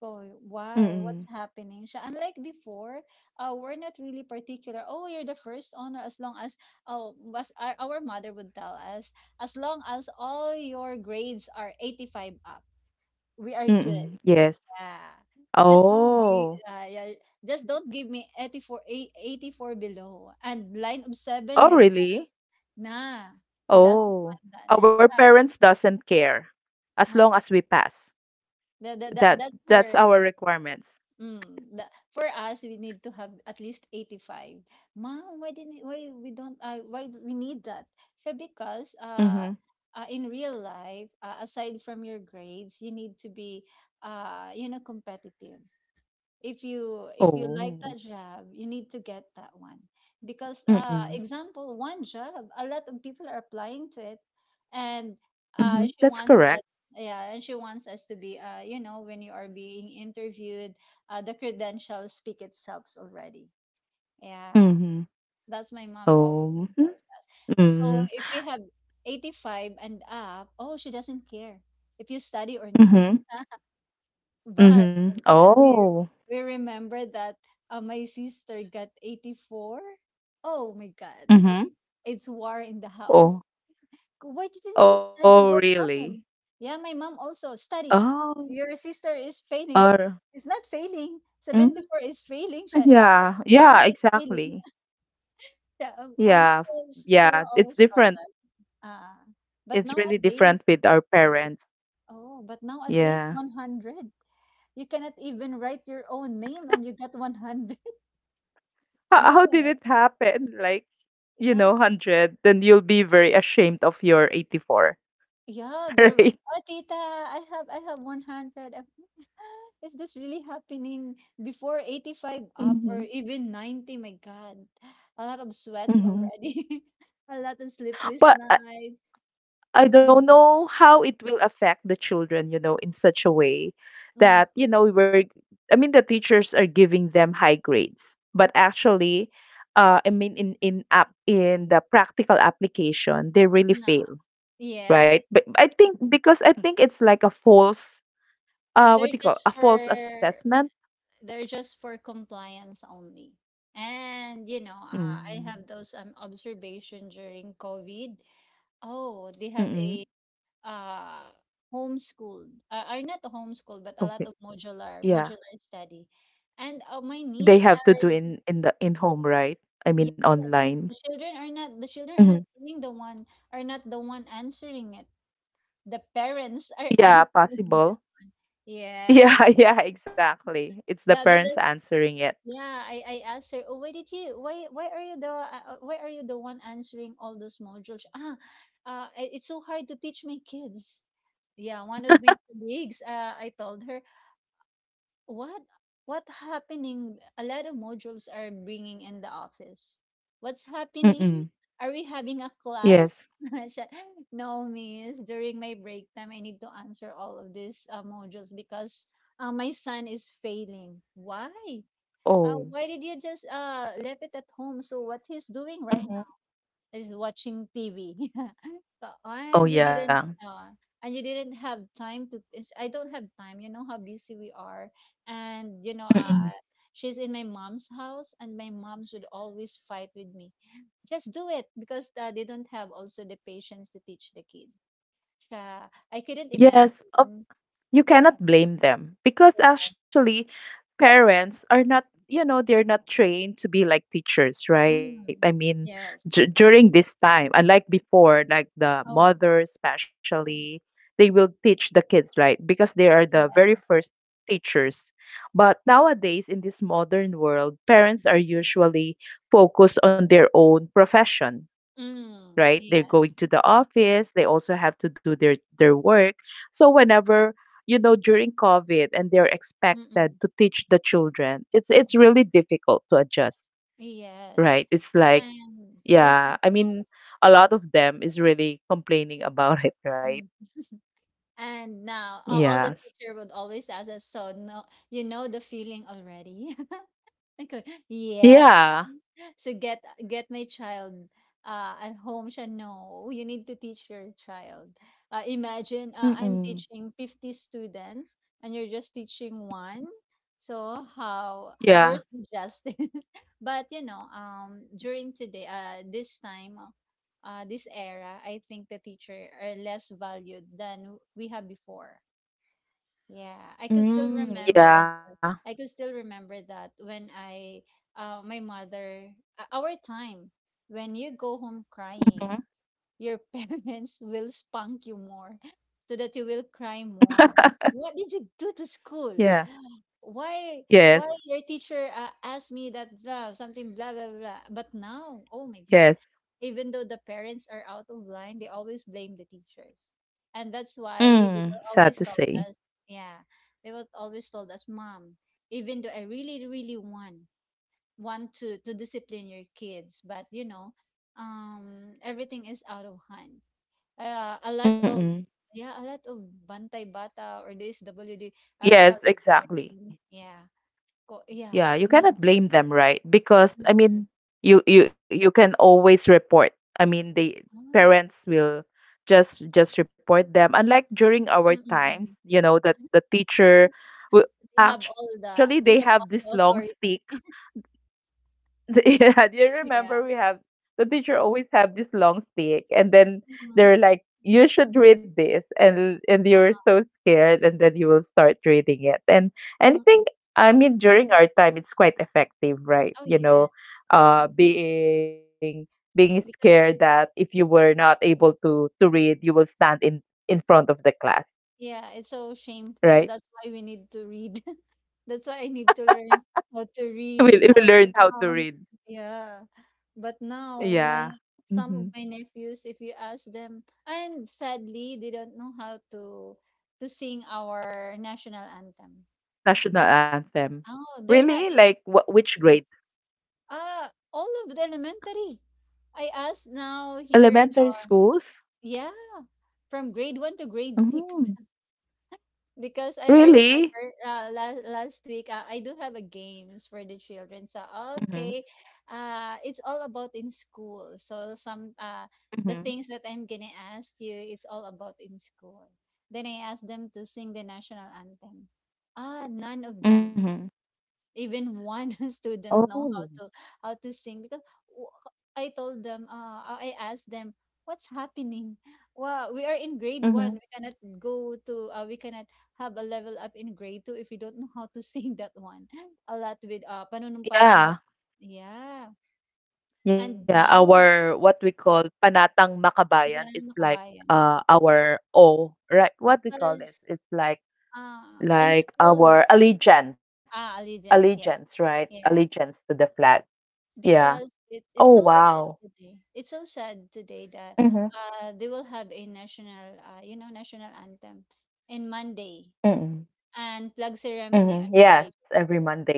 [SPEAKER 2] So, why?
[SPEAKER 1] Mm-mm.
[SPEAKER 2] What's happening? Siya unlike before, we're not really particular, "Oh, you're the first honor," as long as oh, was our mother would tell us, "As long as all your grades are 85 up, we are good."
[SPEAKER 1] Mm-mm. Yes.
[SPEAKER 2] Yeah. Just don't give.
[SPEAKER 1] Oh.
[SPEAKER 2] Yeah, "Just don't give me 84 ei 84 below, and line of 7,
[SPEAKER 1] Oh,
[SPEAKER 2] my"
[SPEAKER 1] really?
[SPEAKER 2] Nah, she doesn't
[SPEAKER 1] Oh.
[SPEAKER 2] want that.
[SPEAKER 1] Our parents doesn't care as
[SPEAKER 2] Uh,
[SPEAKER 1] long
[SPEAKER 2] uh,
[SPEAKER 1] as we pass.
[SPEAKER 2] that
[SPEAKER 1] That
[SPEAKER 2] that's
[SPEAKER 1] that's
[SPEAKER 2] her.
[SPEAKER 1] our requirements.
[SPEAKER 2] Mm, the, for us, we need to have at least 85. Mom, why we don't why do we need that? So because
[SPEAKER 1] Mm-hmm.
[SPEAKER 2] in real life, aside from your grades, you need to be you know competitive. If you like that
[SPEAKER 1] Oh.
[SPEAKER 2] job, you need to get that one because
[SPEAKER 1] Mm-mm.
[SPEAKER 2] example, one job, a lot of people are applying to it. And she
[SPEAKER 1] Mhm, that's
[SPEAKER 2] wants that,
[SPEAKER 1] correct.
[SPEAKER 2] yeah. And she wants us to be when you are being interviewed, the credentials speak itself already, yeah.
[SPEAKER 1] Mhm.
[SPEAKER 2] That's my mom always
[SPEAKER 1] Oh,
[SPEAKER 2] imposed that. So
[SPEAKER 1] mm,
[SPEAKER 2] if we have 85 and up, oh, she doesn't care if you study or not.
[SPEAKER 1] mhm,
[SPEAKER 2] But my
[SPEAKER 1] mhm.
[SPEAKER 2] God, we
[SPEAKER 1] Oh,
[SPEAKER 2] we remember that. My sister got 84. Oh my God,
[SPEAKER 1] mhm.
[SPEAKER 2] [LAUGHS] it's war in the house.
[SPEAKER 1] Oh,
[SPEAKER 2] Why didn't you
[SPEAKER 1] oh,
[SPEAKER 2] study? What
[SPEAKER 1] really?
[SPEAKER 2] happened? Yeah, my mom also study.
[SPEAKER 1] Oh,
[SPEAKER 2] Your sister is failing.
[SPEAKER 1] or
[SPEAKER 2] It's not failing.
[SPEAKER 1] mm,
[SPEAKER 2] 74 is failing.
[SPEAKER 1] [LAUGHS]
[SPEAKER 2] Siya.
[SPEAKER 1] yeah,
[SPEAKER 2] For me,
[SPEAKER 1] yeah,
[SPEAKER 2] it's failing.
[SPEAKER 1] exactly.
[SPEAKER 2] [LAUGHS] Siya, and
[SPEAKER 1] Yeah,
[SPEAKER 2] she will she she
[SPEAKER 1] yeah.
[SPEAKER 2] will
[SPEAKER 1] It's
[SPEAKER 2] always call
[SPEAKER 1] different.
[SPEAKER 2] that. Ah, but
[SPEAKER 1] It's really
[SPEAKER 2] nowadays,
[SPEAKER 1] different with our parents.
[SPEAKER 2] oh, but nowadays,
[SPEAKER 1] Yeah.
[SPEAKER 2] 100. You cannot even write your own name and you got 100.
[SPEAKER 1] How,
[SPEAKER 2] Yeah,
[SPEAKER 1] how did it happen? Like, you
[SPEAKER 2] yeah,
[SPEAKER 1] know, 100, then you'll be very ashamed of your 84,
[SPEAKER 2] yeah.
[SPEAKER 1] [LAUGHS]
[SPEAKER 2] There,
[SPEAKER 1] right?
[SPEAKER 2] oh, tita, I have 100. I'm, like, [LAUGHS] is this really happening? Before, 85 up or
[SPEAKER 1] Mm-hmm.
[SPEAKER 2] even 90? My God, a lot of sweats
[SPEAKER 1] Mm-hmm.
[SPEAKER 2] already, [LAUGHS] a lot of sleepless
[SPEAKER 1] But
[SPEAKER 2] nights.
[SPEAKER 1] I don't
[SPEAKER 2] Mm,
[SPEAKER 1] know how it will affect the children, you know, in such a way
[SPEAKER 2] mm,
[SPEAKER 1] that, you know, we're, I mean, the teachers are giving them high grades, but actually, I mean, in the practical application, they really
[SPEAKER 2] no,
[SPEAKER 1] fail,
[SPEAKER 2] yeah,
[SPEAKER 1] right? But I think, because I think it's like a false, what
[SPEAKER 2] they're
[SPEAKER 1] do you call,
[SPEAKER 2] just
[SPEAKER 1] a false
[SPEAKER 2] for
[SPEAKER 1] assessment?
[SPEAKER 2] they're just for compliance only. And you know, I
[SPEAKER 1] Mm.
[SPEAKER 2] have those observation during COVID. Oh, they have
[SPEAKER 1] Mm-mm.
[SPEAKER 2] a uh homeschooled, are not homeschooled, but a lot
[SPEAKER 1] Okay.
[SPEAKER 2] of modular
[SPEAKER 1] Yeah,
[SPEAKER 2] modular study. And my
[SPEAKER 1] they
[SPEAKER 2] niece,
[SPEAKER 1] have to do in the in home, right? I mean,
[SPEAKER 2] yeah,
[SPEAKER 1] online.
[SPEAKER 2] the children are not the children are
[SPEAKER 1] Hmm.
[SPEAKER 2] not doing the one, are not the one answering it. The parents are [LAUGHS]
[SPEAKER 1] Yeah,
[SPEAKER 2] answering
[SPEAKER 1] possible.
[SPEAKER 2] this one, yeah.
[SPEAKER 1] Yeah, [LAUGHS] yeah, exactly. It's the
[SPEAKER 2] that,
[SPEAKER 1] parents
[SPEAKER 2] that is
[SPEAKER 1] answering it.
[SPEAKER 2] yeah I asked her, oh, why did you, why are you the why are you the one answering all those modules? It's so hard to teach my kids, yeah. One of my colleagues, I told her, what happening? A lot of modules are bringing in the office. What's happening?
[SPEAKER 1] Mm-mm.
[SPEAKER 2] Are we having a class?
[SPEAKER 1] Yes.
[SPEAKER 2] [LAUGHS] Siya, no, miss. During my break time, I need to answer all of these modules because my son is failing. Why?
[SPEAKER 1] Oh.
[SPEAKER 2] Why did you just leave it at home? So what he's doing right
[SPEAKER 1] Mhm.
[SPEAKER 2] is watching TV. [LAUGHS] So,
[SPEAKER 1] Oh yeah.
[SPEAKER 2] uh, and you didn't have time to I don't have time, you know how busy we are. And you know,
[SPEAKER 1] Mm-mm.
[SPEAKER 2] she's in my mom's house and my moms would always fight with me. Just do it because they don't have also the patience to teach the kids. I couldn't
[SPEAKER 1] Yes. Of
[SPEAKER 2] imagine.
[SPEAKER 1] you cannot blame them because
[SPEAKER 2] Yeah.
[SPEAKER 1] actually parents are not they're not trained to be like teachers, right? I
[SPEAKER 2] Mm,
[SPEAKER 1] mean
[SPEAKER 2] yes.
[SPEAKER 1] during this time, unlike before, like the
[SPEAKER 2] Oh.
[SPEAKER 1] mothers especially, they will teach the kids, right? Because they are the very
[SPEAKER 2] Yeah.
[SPEAKER 1] first teachers. But nowadays in this modern world, parents are usually focused on their own profession,
[SPEAKER 2] Mm,
[SPEAKER 1] right? They're
[SPEAKER 2] yes.
[SPEAKER 1] going to the office, they also have to do their work. So whenever, you know, during COVID and they're expected
[SPEAKER 2] Mm-mm.
[SPEAKER 1] to teach the children, it's really difficult to adjust,
[SPEAKER 2] Yes.
[SPEAKER 1] right? It's like,
[SPEAKER 2] And also,
[SPEAKER 1] yeah, I
[SPEAKER 2] um,
[SPEAKER 1] mean a lot of them is really complaining about [LAUGHS] it, right?
[SPEAKER 2] hmm. And now all the
[SPEAKER 1] Yes.
[SPEAKER 2] teacher would always ask us, so no, you know the feeling already. [LAUGHS] Okay. Yes.
[SPEAKER 1] Yeah.
[SPEAKER 2] So get my child at home, siya. No, you need to teach your child. Imagine, I'm
[SPEAKER 1] Mm-mm.
[SPEAKER 2] teaching 50 students and you're just teaching one. So how,
[SPEAKER 1] Yeah.
[SPEAKER 2] where's the justice? [LAUGHS] But you know, during today, this time, this era, I think the teacher are less valued than we have before. Yeah, I could still
[SPEAKER 1] Mm,
[SPEAKER 2] remember
[SPEAKER 1] yeah.
[SPEAKER 2] that. I could still remember that when my mother, our time, when you go home
[SPEAKER 1] Mm-hmm.
[SPEAKER 2] crying, your [LAUGHS] parents will spunk you more so that you will cry more.
[SPEAKER 1] [LAUGHS]
[SPEAKER 2] What did you do to school?
[SPEAKER 1] Yeah.
[SPEAKER 2] Why
[SPEAKER 1] Yes.
[SPEAKER 2] why your teacher asked me that, blah, something, blah blah blah. But now, oh my God.
[SPEAKER 1] Yes.
[SPEAKER 2] Even though the parents are out of line, they always blame the teachers. And that's why
[SPEAKER 1] Mm, sad to say.
[SPEAKER 2] us, yeah, they were always told us, Mom, even though I really, really want to discipline your kids, but you know, everything is out of hand. uh, a lot of
[SPEAKER 1] Mm-mm.
[SPEAKER 2] yeah a lot of bantay bata, or this wd,
[SPEAKER 1] Yes,
[SPEAKER 2] child
[SPEAKER 1] exactly.
[SPEAKER 2] protection, yeah. Yeah,
[SPEAKER 1] Yeah, you
[SPEAKER 2] me
[SPEAKER 1] cannot
[SPEAKER 2] too.
[SPEAKER 1] blame them, right? Because I
[SPEAKER 2] Mhm.
[SPEAKER 1] mean, you can always report. I mean, the
[SPEAKER 2] Oh.
[SPEAKER 1] parents will just report them. Unlike during our
[SPEAKER 2] Mm-mm.
[SPEAKER 1] times, you know, that the
[SPEAKER 2] Ah,
[SPEAKER 1] teacher will actually they have
[SPEAKER 2] they have
[SPEAKER 1] this
[SPEAKER 2] all
[SPEAKER 1] long
[SPEAKER 2] the
[SPEAKER 1] stick.
[SPEAKER 2] authority,
[SPEAKER 1] [LAUGHS] Yeah, do you remember we
[SPEAKER 2] yeah.
[SPEAKER 1] have the teacher always have this long stick and then
[SPEAKER 2] Mhm.
[SPEAKER 1] they're like, you should read this and you're
[SPEAKER 2] Um,
[SPEAKER 1] so scared and then you will start reading it. And I
[SPEAKER 2] mm-mm.
[SPEAKER 1] think I mean during our time it's quite effective, right?
[SPEAKER 2] Oh
[SPEAKER 1] You know,
[SPEAKER 2] yes,
[SPEAKER 1] uh being being scared
[SPEAKER 2] because
[SPEAKER 1] that if you were not able to read, you will stand in front of the class,
[SPEAKER 2] yeah, it's so
[SPEAKER 1] right?
[SPEAKER 2] shameful. That's why we need to read. [LAUGHS] That's why I need to learn how to
[SPEAKER 1] [LAUGHS] We
[SPEAKER 2] read,
[SPEAKER 1] we
[SPEAKER 2] how to
[SPEAKER 1] learned how to
[SPEAKER 2] count.
[SPEAKER 1] read.
[SPEAKER 2] Yeah. But now my,
[SPEAKER 1] Yeah.
[SPEAKER 2] some of
[SPEAKER 1] Mm-hmm.
[SPEAKER 2] my nephews, if you ask them, and sadly, they don't know how to sing our national anthem.
[SPEAKER 1] National anthem.
[SPEAKER 2] Oh, they're not,
[SPEAKER 1] Really? Like which grade?
[SPEAKER 2] uh all of the elementary. I asked now here in
[SPEAKER 1] Elementary
[SPEAKER 2] our,
[SPEAKER 1] schools?
[SPEAKER 2] yeah, from grade one to grade six.
[SPEAKER 1] Mm.
[SPEAKER 2] Because I
[SPEAKER 1] Really?
[SPEAKER 2] remember, last week, I do have a games for the children. So
[SPEAKER 1] Mm-hmm.
[SPEAKER 2] okay, it's all about in school. So some, the
[SPEAKER 1] Mm-hmm.
[SPEAKER 2] things that I'm gonna ask you, it's all about in school. Then I asked them to sing the national anthem. Ah, none of them.
[SPEAKER 1] Mm-hmm.
[SPEAKER 2] Even one [LAUGHS] student know
[SPEAKER 1] Oh.
[SPEAKER 2] how to sing, because w- I told them, I asked them, what's happening? Wow, we are in grade one.
[SPEAKER 1] Mm-hmm.
[SPEAKER 2] We cannot go to, we cannot have a level up in grade two if we don't know how to [LAUGHS] sing that one. [LAUGHS] A lot with panunumpa ng what?
[SPEAKER 1] Yeah.
[SPEAKER 2] Yeah.
[SPEAKER 1] Yeah.
[SPEAKER 2] And now,
[SPEAKER 1] Our what we call Panatang Makabayan
[SPEAKER 2] hindi
[SPEAKER 1] is
[SPEAKER 2] ka lang
[SPEAKER 1] like
[SPEAKER 2] makabayan.
[SPEAKER 1] our O, right? What we call this?
[SPEAKER 2] Because
[SPEAKER 1] It's
[SPEAKER 2] in
[SPEAKER 1] like
[SPEAKER 2] school,
[SPEAKER 1] our allegiance.
[SPEAKER 2] ah, allegiance, yeah.
[SPEAKER 1] Allegiance, right?
[SPEAKER 2] Yeah.
[SPEAKER 1] Allegiance to the flag. Yeah.
[SPEAKER 2] Because it's
[SPEAKER 1] Oh
[SPEAKER 2] so sad
[SPEAKER 1] wow.
[SPEAKER 2] today. It's so sad today that
[SPEAKER 1] Mm-hmm.
[SPEAKER 2] they will have a national, national anthem in Monday
[SPEAKER 1] Mm-hmm.
[SPEAKER 2] and plug ceremony
[SPEAKER 1] Mm-hmm.
[SPEAKER 2] on
[SPEAKER 1] Yes,
[SPEAKER 2] Friday.
[SPEAKER 1] every Monday.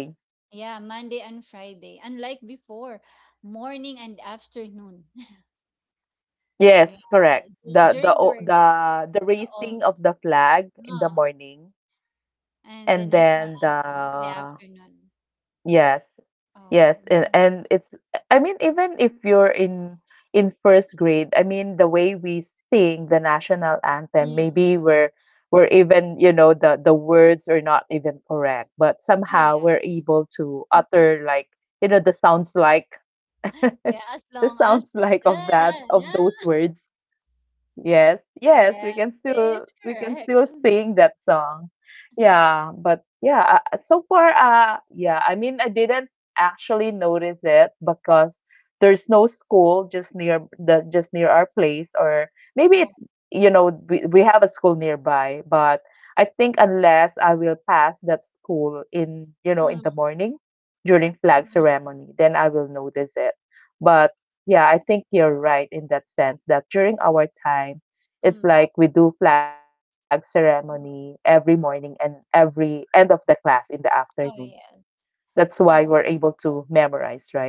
[SPEAKER 2] Yeah, Monday and Friday. Unlike before, morning and afternoon. [LAUGHS]
[SPEAKER 1] Yes,
[SPEAKER 2] Yeah,
[SPEAKER 1] correct. The
[SPEAKER 2] during our,
[SPEAKER 1] the
[SPEAKER 2] the
[SPEAKER 1] raising
[SPEAKER 2] old,
[SPEAKER 1] of the flag in the
[SPEAKER 2] huh,
[SPEAKER 1] morning
[SPEAKER 2] and the
[SPEAKER 1] and
[SPEAKER 2] national
[SPEAKER 1] then
[SPEAKER 2] anthem, the
[SPEAKER 1] the
[SPEAKER 2] afternoon.
[SPEAKER 1] yes,
[SPEAKER 2] Oh,
[SPEAKER 1] yes, and,
[SPEAKER 2] then-
[SPEAKER 1] and it's I mean even if you're in first grade, I mean the way we sing the national anthem,
[SPEAKER 2] mm, mm.
[SPEAKER 1] maybe we're even, you know, the words are not even correct, but
[SPEAKER 2] Oh
[SPEAKER 1] somehow
[SPEAKER 2] yeah,
[SPEAKER 1] we're able to utter like, you know, the sounds like
[SPEAKER 2] [LAUGHS] yeah. As
[SPEAKER 1] the
[SPEAKER 2] long
[SPEAKER 1] sounds
[SPEAKER 2] as
[SPEAKER 1] [LAUGHS] like
[SPEAKER 2] la
[SPEAKER 1] of that
[SPEAKER 2] la
[SPEAKER 1] of
[SPEAKER 2] la.
[SPEAKER 1] those words. Yes, yes,
[SPEAKER 2] Yeah,
[SPEAKER 1] we can
[SPEAKER 2] it's correct.
[SPEAKER 1] still
[SPEAKER 2] [LAUGHS]
[SPEAKER 1] sing that song.
[SPEAKER 2] Yeah.
[SPEAKER 1] Yeah, but yeah, so far, yeah, I mean, I didn't actually notice it because there's no school just near our place, or maybe
[SPEAKER 2] Oh.
[SPEAKER 1] it's you know we have a school nearby, but I think unless I will pass that school in you know in
[SPEAKER 2] Mm,
[SPEAKER 1] the morning during flag
[SPEAKER 2] mm.
[SPEAKER 1] ceremony, then I will notice it. But yeah, I think you're right in that sense that during our time, it's
[SPEAKER 2] Mm.
[SPEAKER 1] like we do flag ceremony every morning and every end of the class in the afternoon.
[SPEAKER 2] Oh yeah.
[SPEAKER 1] That's why we're
[SPEAKER 2] So,
[SPEAKER 1] able to memorize, right?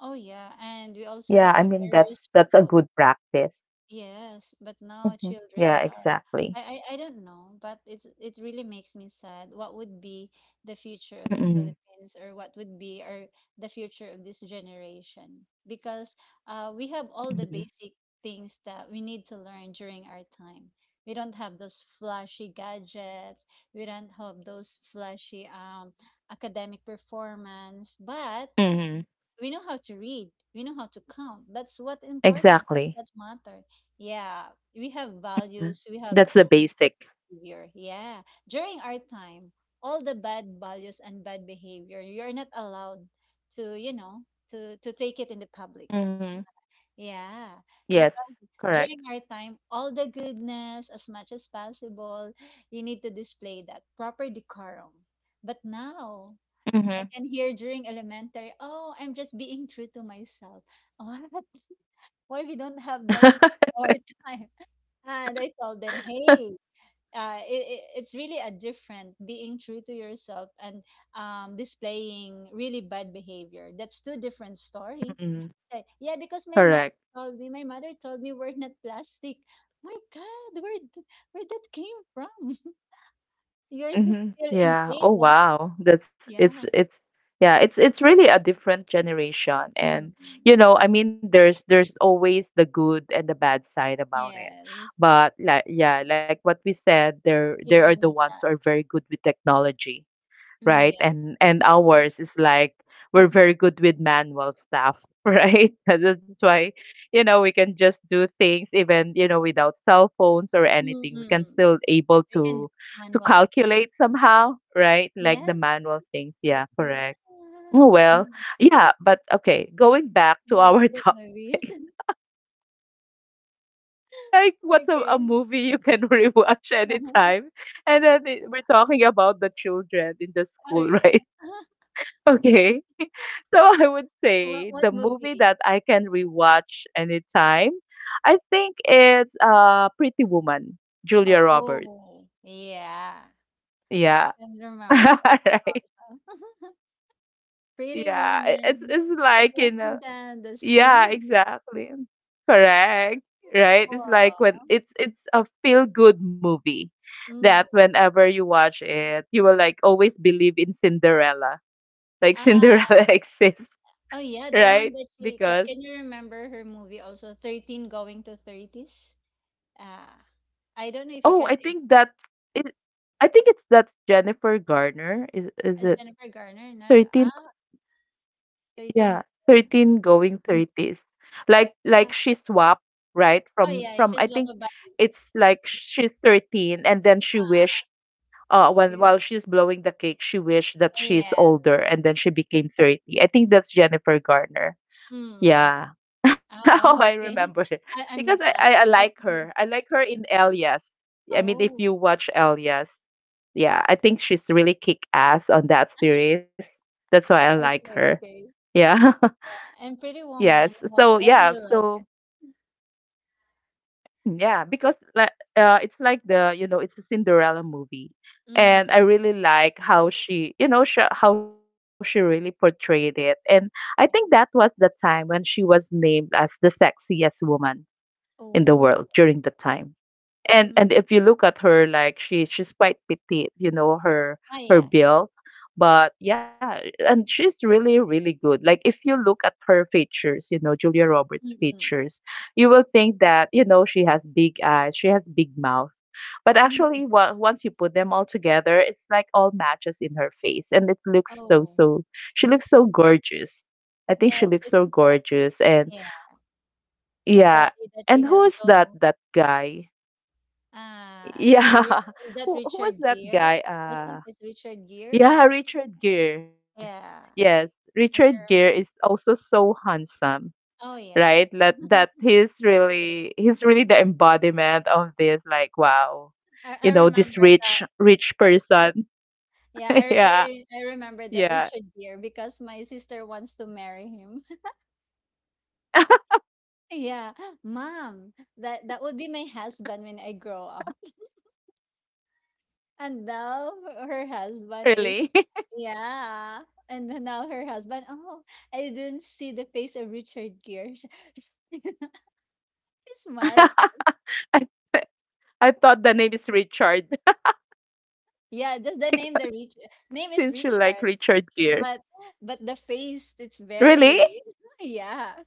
[SPEAKER 2] oh yeah, and we also
[SPEAKER 1] Yeah,
[SPEAKER 2] have
[SPEAKER 1] I
[SPEAKER 2] a
[SPEAKER 1] mean
[SPEAKER 2] very
[SPEAKER 1] that's a
[SPEAKER 2] respectful.
[SPEAKER 1] good practice.
[SPEAKER 2] Yes, but now
[SPEAKER 1] Hmm.
[SPEAKER 2] childrens
[SPEAKER 1] Yeah,
[SPEAKER 2] are,
[SPEAKER 1] exactly.
[SPEAKER 2] I don't know, but it's it really makes me sad. What would be the future of the
[SPEAKER 1] Mm-mm.
[SPEAKER 2] Philippines, or what would be our, the future of this generation? Because we have all the
[SPEAKER 1] Hmm.
[SPEAKER 2] basic things that we need to learn during our time. We don't have those flashy gadgets, we don't have those flashy academic performance, but
[SPEAKER 1] Hmm.
[SPEAKER 2] we know how to read, we know how to count. That's what important, that's
[SPEAKER 1] Exactly.
[SPEAKER 2] what matter, yeah. We have
[SPEAKER 1] Mhm.
[SPEAKER 2] values, we have
[SPEAKER 1] That's the
[SPEAKER 2] good
[SPEAKER 1] basic.
[SPEAKER 2] behavior, yeah. During our time, all the bad values and bad behavior, you're not allowed to, you know, to take it in the public,
[SPEAKER 1] Hmm.
[SPEAKER 2] yeah.
[SPEAKER 1] Yes,
[SPEAKER 2] Because
[SPEAKER 1] correct.
[SPEAKER 2] during our time, all the goodness, as much as possible, you need to display that proper decorum. But now,
[SPEAKER 1] Hmm.
[SPEAKER 2] can hear during elementary, "Oh, I'm just being true to myself." [LAUGHS] What? Why we don't have that
[SPEAKER 1] [LAUGHS]
[SPEAKER 2] more time? [LAUGHS] And I told them, "Hey, uh, it, it's really a different being true to yourself and, displaying really bad behavior. That's two different story." Like, yeah, because my mother
[SPEAKER 1] Correct.
[SPEAKER 2] told me, my mother told me we're not plastic. My God, where that came from? [LAUGHS] Yours is
[SPEAKER 1] Mhm.
[SPEAKER 2] still in
[SPEAKER 1] Yeah.
[SPEAKER 2] grade
[SPEAKER 1] Oh
[SPEAKER 2] one.
[SPEAKER 1] wow. That's
[SPEAKER 2] Yeah.
[SPEAKER 1] it's yeah, it's really a different generation and
[SPEAKER 2] Mm.
[SPEAKER 1] you know, I mean there's always the good and the bad side about it.
[SPEAKER 2] Yes.
[SPEAKER 1] But like yeah, like what we said, there are
[SPEAKER 2] Even
[SPEAKER 1] the
[SPEAKER 2] yeah.
[SPEAKER 1] ones who are very good with technology, right?
[SPEAKER 2] Yeah.
[SPEAKER 1] And ours is like we're
[SPEAKER 2] [LAUGHS]
[SPEAKER 1] very good with manual stuff, [LAUGHS] right? And that's why, you know, we can just do things even, you know, without cell phones or anything. We can
[SPEAKER 2] Mm,
[SPEAKER 1] still able
[SPEAKER 2] we can do
[SPEAKER 1] to
[SPEAKER 2] manual.
[SPEAKER 1] calculate somehow, right? Like
[SPEAKER 2] Yeah.
[SPEAKER 1] the manual things. Yeah, correct. Oh well, yeah, but okay, going back to
[SPEAKER 2] Right
[SPEAKER 1] our [LAUGHS]
[SPEAKER 2] to the
[SPEAKER 1] topic.
[SPEAKER 2] movies. [LAUGHS]
[SPEAKER 1] Like what's a
[SPEAKER 2] Okay.
[SPEAKER 1] movie you can [LAUGHS] rewatch
[SPEAKER 2] [LAUGHS]
[SPEAKER 1] anytime? And then we're talking about the children in the
[SPEAKER 2] Oh,
[SPEAKER 1] school,
[SPEAKER 2] yeah.
[SPEAKER 1] [LAUGHS] right?
[SPEAKER 2] [LAUGHS]
[SPEAKER 1] Okay. [LAUGHS] So I would say
[SPEAKER 2] What
[SPEAKER 1] the movie that
[SPEAKER 2] movie?
[SPEAKER 1] I can rewatch anytime, I think it's Pretty Woman, Julia Roberts.
[SPEAKER 2] Oh, yeah. I
[SPEAKER 1] Yeah.
[SPEAKER 2] can remember that
[SPEAKER 1] [LAUGHS] Right.
[SPEAKER 2] also. [LAUGHS] Pretty
[SPEAKER 1] Yeah.
[SPEAKER 2] Woman
[SPEAKER 1] It's like, you
[SPEAKER 2] walking
[SPEAKER 1] know,
[SPEAKER 2] down the
[SPEAKER 1] yeah,
[SPEAKER 2] street.
[SPEAKER 1] exactly. Correct. Right? It's like when
[SPEAKER 2] Oh,
[SPEAKER 1] it's a feel-good movie that
[SPEAKER 2] mm.
[SPEAKER 1] whenever you watch it, you will like always believe in Cinderella. Like
[SPEAKER 2] Ah,
[SPEAKER 1] Cinderella [LAUGHS] exists,
[SPEAKER 2] oh yeah, the one
[SPEAKER 1] right?
[SPEAKER 2] that she can.
[SPEAKER 1] Because
[SPEAKER 2] can you remember her movie also, 13 going to 30s? Ah, I don't know if you
[SPEAKER 1] Oh,
[SPEAKER 2] can
[SPEAKER 1] I
[SPEAKER 2] if,
[SPEAKER 1] think that's it. I think it's that's Jennifer Garner. Is it
[SPEAKER 2] Jennifer Garner na,
[SPEAKER 1] 13?
[SPEAKER 2] ah, 13,
[SPEAKER 1] Yeah, 13 going 30s. Like
[SPEAKER 2] ah,
[SPEAKER 1] she swapped, right?
[SPEAKER 2] oh yeah,
[SPEAKER 1] From
[SPEAKER 2] she's
[SPEAKER 1] I think
[SPEAKER 2] body.
[SPEAKER 1] it's like she's 13 and then she wished
[SPEAKER 2] Ah,
[SPEAKER 1] when
[SPEAKER 2] true.
[SPEAKER 1] while she's blowing the cake, she wished that she's
[SPEAKER 2] Yes.
[SPEAKER 1] older and then she became 30. I think that's Jennifer Garner.
[SPEAKER 2] Mm.
[SPEAKER 1] Yeah. [LAUGHS] Oh, I
[SPEAKER 2] Oh,
[SPEAKER 1] remember it.
[SPEAKER 2] okay. [LAUGHS]
[SPEAKER 1] Because
[SPEAKER 2] I mixed
[SPEAKER 1] I
[SPEAKER 2] up.
[SPEAKER 1] like
[SPEAKER 2] Uh,
[SPEAKER 1] her. I like her in Elias. Yeah, I mean, if you
[SPEAKER 2] Oh,
[SPEAKER 1] watch Elias, yeah, I think she's really kick ass on that series. That's why I like her.
[SPEAKER 2] okay, okay.
[SPEAKER 1] Yeah. [LAUGHS]
[SPEAKER 2] Yeah. And Pretty Woman,
[SPEAKER 1] Yes. So,
[SPEAKER 2] why do
[SPEAKER 1] yeah.
[SPEAKER 2] you like
[SPEAKER 1] So,
[SPEAKER 2] it?
[SPEAKER 1] mm, yeah, because like it's like you know, it's a Cinderella movie. And
[SPEAKER 2] Mm.
[SPEAKER 1] I really like how she, you know, sh how she really portrayed it. And I think that was the time when she was named as the sexiest woman in the world during
[SPEAKER 2] Oh.
[SPEAKER 1] that time. And if you
[SPEAKER 2] Mm.
[SPEAKER 1] look at her, like she's quite petite, you know,
[SPEAKER 2] Ah,
[SPEAKER 1] her
[SPEAKER 2] yeah.
[SPEAKER 1] build. But yeah, and she's really, really good. Like if you look at her features, you know, Julia Roberts'
[SPEAKER 2] Mm-mm.
[SPEAKER 1] features, you will think that, you know, she has big eyes, she has big mouth. But
[SPEAKER 2] Mm.
[SPEAKER 1] actually, once you put them all together, it's like all matches in her face, and it looks so
[SPEAKER 2] Oh.
[SPEAKER 1] so. She looks so gorgeous. I think
[SPEAKER 2] Yeah,
[SPEAKER 1] she looks
[SPEAKER 2] it's
[SPEAKER 1] so
[SPEAKER 2] sexy.
[SPEAKER 1] gorgeous, and
[SPEAKER 2] Yeah. The
[SPEAKER 1] yeah.
[SPEAKER 2] body that she
[SPEAKER 1] And
[SPEAKER 2] has,
[SPEAKER 1] who is
[SPEAKER 2] though.
[SPEAKER 1] that guy?
[SPEAKER 2] Uh,
[SPEAKER 1] Yeah.
[SPEAKER 2] Ri-
[SPEAKER 1] [LAUGHS]
[SPEAKER 2] is that
[SPEAKER 1] Who was
[SPEAKER 2] Richard [LAUGHS]
[SPEAKER 1] that
[SPEAKER 2] Gere?
[SPEAKER 1] guy?
[SPEAKER 2] I think it's Richard Gere,
[SPEAKER 1] Yeah,
[SPEAKER 2] or
[SPEAKER 1] Richard Gere.
[SPEAKER 2] yeah,
[SPEAKER 1] Yes, Richard
[SPEAKER 2] I can
[SPEAKER 1] Gere is
[SPEAKER 2] remember.
[SPEAKER 1] also so handsome,
[SPEAKER 2] Oh yeah,
[SPEAKER 1] right? That he's really the embodiment of this like wow.
[SPEAKER 2] I
[SPEAKER 1] You know, this
[SPEAKER 2] remember that.
[SPEAKER 1] rich person.
[SPEAKER 2] Yeah,
[SPEAKER 1] [LAUGHS] Yeah.
[SPEAKER 2] I remember that
[SPEAKER 1] Yeah.
[SPEAKER 2] Richard Gere because my sister wants to marry him. [LAUGHS] Yeah, mom, that would be my husband when I grow up. [LAUGHS] And now
[SPEAKER 1] Really.
[SPEAKER 2] her
[SPEAKER 1] [LAUGHS]
[SPEAKER 2] husband is, yeah. And then now her husband, oh, I didn't see the face of Richard Gere. [LAUGHS] He's mad at,
[SPEAKER 1] I I thought the name is Richard
[SPEAKER 2] yeah, just the
[SPEAKER 1] [LAUGHS]
[SPEAKER 2] name, the
[SPEAKER 1] because
[SPEAKER 2] Rich name is
[SPEAKER 1] since you
[SPEAKER 2] Richard,
[SPEAKER 1] like Richard
[SPEAKER 2] but
[SPEAKER 1] Gere.
[SPEAKER 2] but the face, it's very
[SPEAKER 1] Really?
[SPEAKER 2] [LAUGHS] yeah.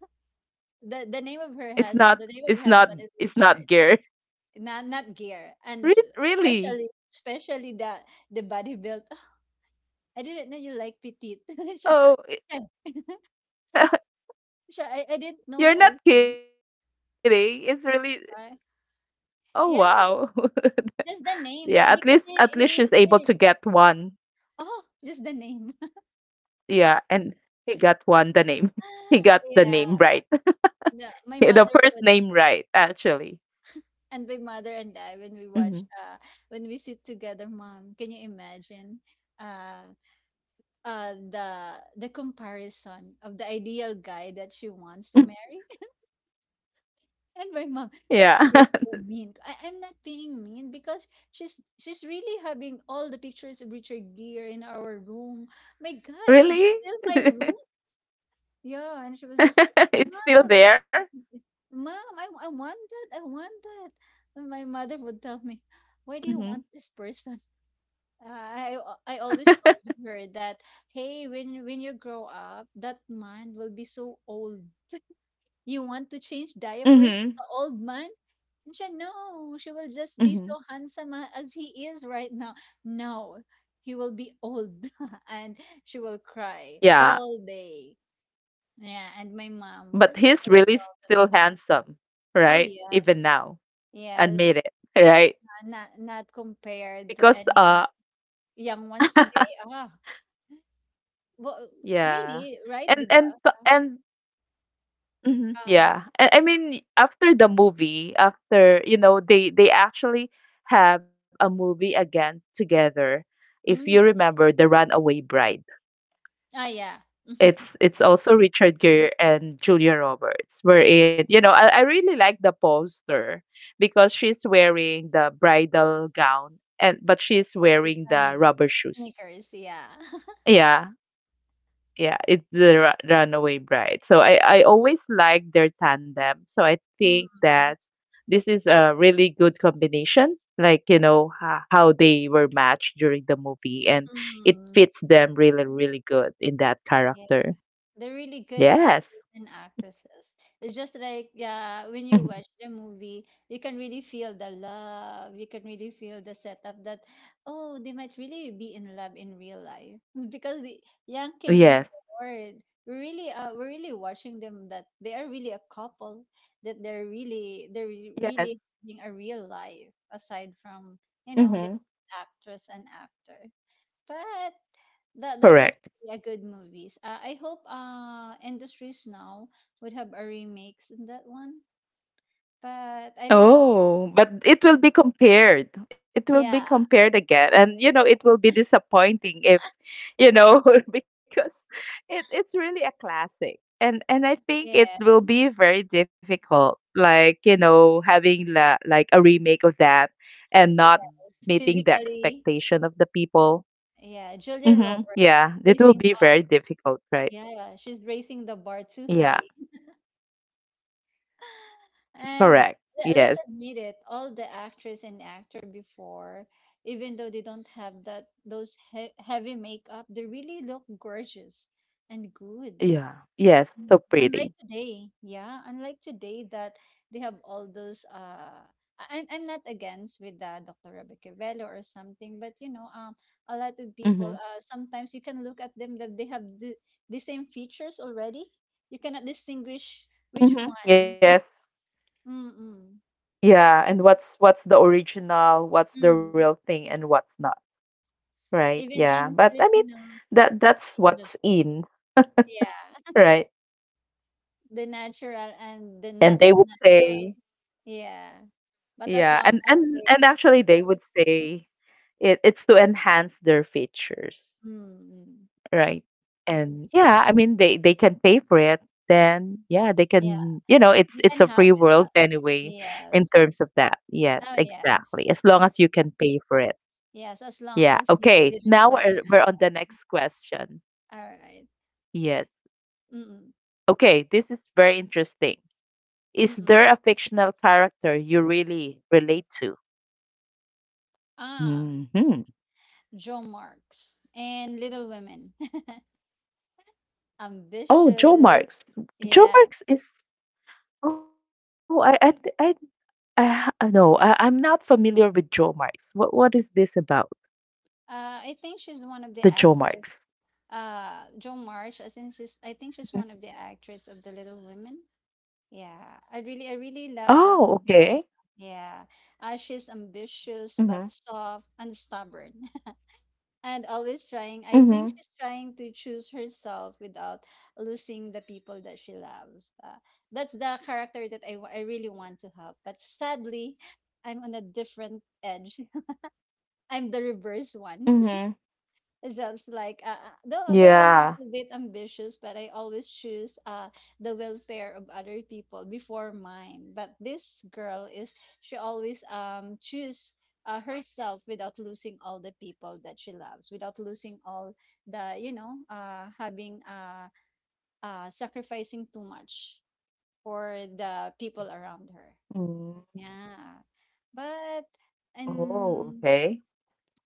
[SPEAKER 2] The name of her has
[SPEAKER 1] It's
[SPEAKER 2] the name
[SPEAKER 1] not.
[SPEAKER 2] of her husband
[SPEAKER 1] It's
[SPEAKER 2] is
[SPEAKER 1] not.
[SPEAKER 2] Richard,
[SPEAKER 1] It's not gear.
[SPEAKER 2] not Gear, and,
[SPEAKER 1] [LAUGHS] Really?
[SPEAKER 2] especially the body build. [LAUGHS] I didn't know you like petite. [LAUGHS] Siya, siya,
[SPEAKER 1] Oh,
[SPEAKER 2] [LAUGHS] siya,
[SPEAKER 1] [LAUGHS]
[SPEAKER 2] I didn't know also.
[SPEAKER 1] you're not kidding. It's really.
[SPEAKER 2] Why?
[SPEAKER 1] Oh
[SPEAKER 2] Yeah,
[SPEAKER 1] wow. [LAUGHS]
[SPEAKER 2] just the
[SPEAKER 1] yeah.
[SPEAKER 2] name.
[SPEAKER 1] At
[SPEAKER 2] That
[SPEAKER 1] least.
[SPEAKER 2] because
[SPEAKER 1] At least she's able to
[SPEAKER 2] he,
[SPEAKER 1] get one.
[SPEAKER 2] oh, just the name. [LAUGHS]
[SPEAKER 1] Yeah. And he got one. The name. [LAUGHS] He got the
[SPEAKER 2] Yeah,
[SPEAKER 1] name right.
[SPEAKER 2] the,
[SPEAKER 1] [LAUGHS] the first name right. Actually.
[SPEAKER 2] My mother and I, when we watch,
[SPEAKER 1] Hmm.
[SPEAKER 2] when we sit together, mom, can you imagine, uh, the comparison of the ideal guy that she wants to
[SPEAKER 1] [LAUGHS]
[SPEAKER 2] marry? [LAUGHS] And my mom,
[SPEAKER 1] yeah.
[SPEAKER 2] you're so mean. I'm not being mean because she's really having all the pictures of Richard Gere in our room. My
[SPEAKER 1] [LAUGHS]
[SPEAKER 2] God, is this
[SPEAKER 1] really?
[SPEAKER 2] still my room? Yeah, and she was just,
[SPEAKER 1] [LAUGHS] it's
[SPEAKER 2] like,
[SPEAKER 1] still there.
[SPEAKER 2] mom, mom, I want that, I want that. And my mother would tell me, why do you
[SPEAKER 1] Hmm.
[SPEAKER 2] want this person? I always told her that, hey, when you grow up, that man will be so old. [LAUGHS] You want to change
[SPEAKER 1] Hmm.
[SPEAKER 2] diapers with the old man? And she, no, she will just be
[SPEAKER 1] Hmm.
[SPEAKER 2] so handsome as he is right now. No, he will be old, [LAUGHS] and she will cry
[SPEAKER 1] Yeah.
[SPEAKER 2] all day. Yeah, and my mom
[SPEAKER 1] But he's
[SPEAKER 2] was
[SPEAKER 1] really
[SPEAKER 2] proud of
[SPEAKER 1] still
[SPEAKER 2] me.
[SPEAKER 1] handsome,
[SPEAKER 2] Oh
[SPEAKER 1] right?
[SPEAKER 2] yes,
[SPEAKER 1] Even now.
[SPEAKER 2] yes,
[SPEAKER 1] Admit it, [LAUGHS] right?
[SPEAKER 2] not compared to
[SPEAKER 1] Because,
[SPEAKER 2] any young ones today.
[SPEAKER 1] [LAUGHS]
[SPEAKER 2] Well,
[SPEAKER 1] yeah.
[SPEAKER 2] really, right, 'di
[SPEAKER 1] And and
[SPEAKER 2] ba?
[SPEAKER 1] and mhm,
[SPEAKER 2] Ah,
[SPEAKER 1] yeah. I mean, after the movie, after, you know, they actually have a movie again together. If you
[SPEAKER 2] hmm,
[SPEAKER 1] remember, The Runaway Bride.
[SPEAKER 2] yeah.
[SPEAKER 1] It's also Richard Gere and Julia Roberts were in. You know, I really like the poster because she's wearing the bridal gown and but she's
[SPEAKER 2] Mm,
[SPEAKER 1] wearing the
[SPEAKER 2] funny,
[SPEAKER 1] rubber shoes.
[SPEAKER 2] sneakers, yeah. [LAUGHS]
[SPEAKER 1] Yeah. Yeah, it's the Runaway Bride. So I always like their tandem. So I think
[SPEAKER 2] Mm.
[SPEAKER 1] that this is a really good combination. Like, you know, how they were matched during the movie, and it
[SPEAKER 2] Mm,
[SPEAKER 1] fits them really, really good in that
[SPEAKER 2] yeah.
[SPEAKER 1] character.
[SPEAKER 2] They're really good
[SPEAKER 1] Yes.
[SPEAKER 2] actors and actresses. It's just like, yeah, when you
[SPEAKER 1] Mhm.
[SPEAKER 2] watch the movie, you can really feel the love. You can really feel the setup that, oh, they might really be in love in real life [LAUGHS] because the young kids
[SPEAKER 1] Yes.
[SPEAKER 2] before we we're really watching them, that they are really a couple, that they're really they're re-
[SPEAKER 1] Yes.
[SPEAKER 2] really having a real life aside from, the
[SPEAKER 1] Hmm.
[SPEAKER 2] actress and actor. But that's what
[SPEAKER 1] Correct.
[SPEAKER 2] a good movies. I hope industries now would have a remix in that one, but I don't know.
[SPEAKER 1] Oh, but it will be compared. It will be
[SPEAKER 2] Yeah,
[SPEAKER 1] compared again. And you know, it will be disappointing if, you know, [LAUGHS] because it's really a classic. And I think it
[SPEAKER 2] yeah,
[SPEAKER 1] will be very difficult, like, you know, having like a remake of that and not
[SPEAKER 2] yes.
[SPEAKER 1] meeting the
[SPEAKER 2] Physically,
[SPEAKER 1] expectation of the people.
[SPEAKER 2] yeah. Julia
[SPEAKER 1] Mm-hmm.
[SPEAKER 2] Roberts
[SPEAKER 1] Yeah, it will
[SPEAKER 2] raising
[SPEAKER 1] be
[SPEAKER 2] the
[SPEAKER 1] very difficult, right?
[SPEAKER 2] yeah, she's raising the bar too
[SPEAKER 1] Yeah,
[SPEAKER 2] high. [LAUGHS] And
[SPEAKER 1] correct.
[SPEAKER 2] let's
[SPEAKER 1] Yes.
[SPEAKER 2] admit it, all the actress and actor before, even though they don't have that those he heavy makeup, they really look gorgeous and good.
[SPEAKER 1] Yeah. Yes,
[SPEAKER 2] Un
[SPEAKER 1] so
[SPEAKER 2] unlike
[SPEAKER 1] pretty.
[SPEAKER 2] today, yeah, unlike today that they have all those, I'm not against with, Dr. Rebecca Velo or something, but a lot of people,
[SPEAKER 1] Mm-hmm.
[SPEAKER 2] sometimes you can look at them, that they have the same features already. You cannot distinguish which
[SPEAKER 1] Mm-hmm.
[SPEAKER 2] one.
[SPEAKER 1] Yes.
[SPEAKER 2] Mm-mm.
[SPEAKER 1] Yeah, and what's the original, what's the real
[SPEAKER 2] Mm.
[SPEAKER 1] thing and what's not, right?
[SPEAKER 2] Even
[SPEAKER 1] Yeah.
[SPEAKER 2] in
[SPEAKER 1] But I mean
[SPEAKER 2] Filipino
[SPEAKER 1] that's what's
[SPEAKER 2] industry.
[SPEAKER 1] in,
[SPEAKER 2] Yeah. [LAUGHS]
[SPEAKER 1] right?
[SPEAKER 2] The natural and the
[SPEAKER 1] And
[SPEAKER 2] not
[SPEAKER 1] they
[SPEAKER 2] so
[SPEAKER 1] would
[SPEAKER 2] natural.
[SPEAKER 1] say,
[SPEAKER 2] Yeah. But as
[SPEAKER 1] yeah,
[SPEAKER 2] long as they,
[SPEAKER 1] and actually they would say it's to enhance their features,
[SPEAKER 2] mm, mm,
[SPEAKER 1] right? And yeah, I mean they can pay for it, then yeah, they
[SPEAKER 2] yeah.
[SPEAKER 1] can, you know,
[SPEAKER 2] You
[SPEAKER 1] it's
[SPEAKER 2] can
[SPEAKER 1] a
[SPEAKER 2] have
[SPEAKER 1] free
[SPEAKER 2] it.
[SPEAKER 1] world anyway
[SPEAKER 2] Yes.
[SPEAKER 1] in terms of that. Yes,
[SPEAKER 2] Oh, yes.
[SPEAKER 1] exactly. As long as you can pay for it.
[SPEAKER 2] Yes, as long
[SPEAKER 1] Yeah.
[SPEAKER 2] as you
[SPEAKER 1] Okay.
[SPEAKER 2] didn't
[SPEAKER 1] Now
[SPEAKER 2] value any.
[SPEAKER 1] we're on the next question.
[SPEAKER 2] All right.
[SPEAKER 1] Yes.
[SPEAKER 2] Mm-mm.
[SPEAKER 1] Okay. This is very interesting. Is
[SPEAKER 2] Mm-mm.
[SPEAKER 1] there a fictional character you really relate to?
[SPEAKER 2] Ah,
[SPEAKER 1] Hmm.
[SPEAKER 2] Joe Marks and Little Women. [LAUGHS]
[SPEAKER 1] Oh, Joe
[SPEAKER 2] Ambitious.
[SPEAKER 1] Marks. Joe
[SPEAKER 2] Yeah.
[SPEAKER 1] Marks is. Oh, I, th- I, ha- I no, I, I'm not familiar with Joe Marks. What is this about?
[SPEAKER 2] I think she's
[SPEAKER 1] The
[SPEAKER 2] one of
[SPEAKER 1] Joe
[SPEAKER 2] the
[SPEAKER 1] Marks.
[SPEAKER 2] actress. Joe Marsh, as in, she's, I think
[SPEAKER 1] Mhm.
[SPEAKER 2] she's one of the actress of The Little Women. Yeah. I really love that
[SPEAKER 1] Oh,
[SPEAKER 2] movie also.
[SPEAKER 1] okay.
[SPEAKER 2] Yeah. She's ambitious but
[SPEAKER 1] Mm-hmm.
[SPEAKER 2] soft and stubborn. And always trying. I think
[SPEAKER 1] Mm-hmm.
[SPEAKER 2] she's trying to choose herself without losing the people that she loves. That's the character that I really want to have. But sadly, I'm on a different edge. [LAUGHS] I'm the reverse one.
[SPEAKER 1] Mm-hmm.
[SPEAKER 2] Just like, though I'm
[SPEAKER 1] Yeah.
[SPEAKER 2] a bit ambitious, but I always choose the welfare of other people before mine. But this girl, is she always choose, herself without losing all the people that she loves, without losing all the, having, sacrificing too much for the people around her.
[SPEAKER 1] Mm.
[SPEAKER 2] Yeah, but.
[SPEAKER 1] Oh,
[SPEAKER 2] And
[SPEAKER 1] okay.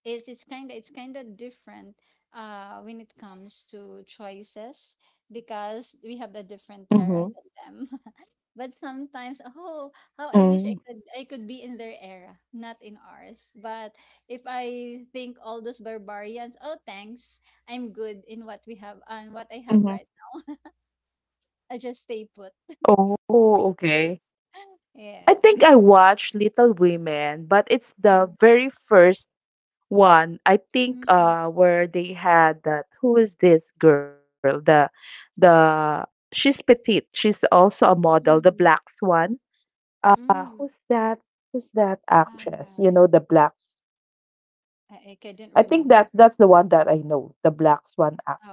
[SPEAKER 2] is it's kind of different, when it comes to choices, because we have a different era
[SPEAKER 1] Mm-hmm.
[SPEAKER 2] than them. [LAUGHS] But sometimes, oh, how I wish I
[SPEAKER 1] Mm-hmm.
[SPEAKER 2] could be in their era, not in ours. But if I think all those barbarians, oh, thanks, I'm good in what we have and what I have
[SPEAKER 1] Mm-hmm.
[SPEAKER 2] right now. I just stay put.
[SPEAKER 1] Oh, okay.
[SPEAKER 2] [GASPS] [LAUGHS] Yeah.
[SPEAKER 1] I think I watched Little Women, but it's the
[SPEAKER 2] Mm,
[SPEAKER 1] very first one. I think
[SPEAKER 2] mm,
[SPEAKER 1] where they had that who is this girl? The she's petite. She's also a model, the black
[SPEAKER 2] mm,
[SPEAKER 1] swan. Who's
[SPEAKER 2] mm.
[SPEAKER 1] that? Who's that
[SPEAKER 2] Ah,
[SPEAKER 1] actress? You know, the blacks. I think that's the
[SPEAKER 2] I,
[SPEAKER 1] one
[SPEAKER 2] I
[SPEAKER 1] that I
[SPEAKER 2] couldn't
[SPEAKER 1] know,
[SPEAKER 2] remember
[SPEAKER 1] the
[SPEAKER 2] that.
[SPEAKER 1] black swan actress. And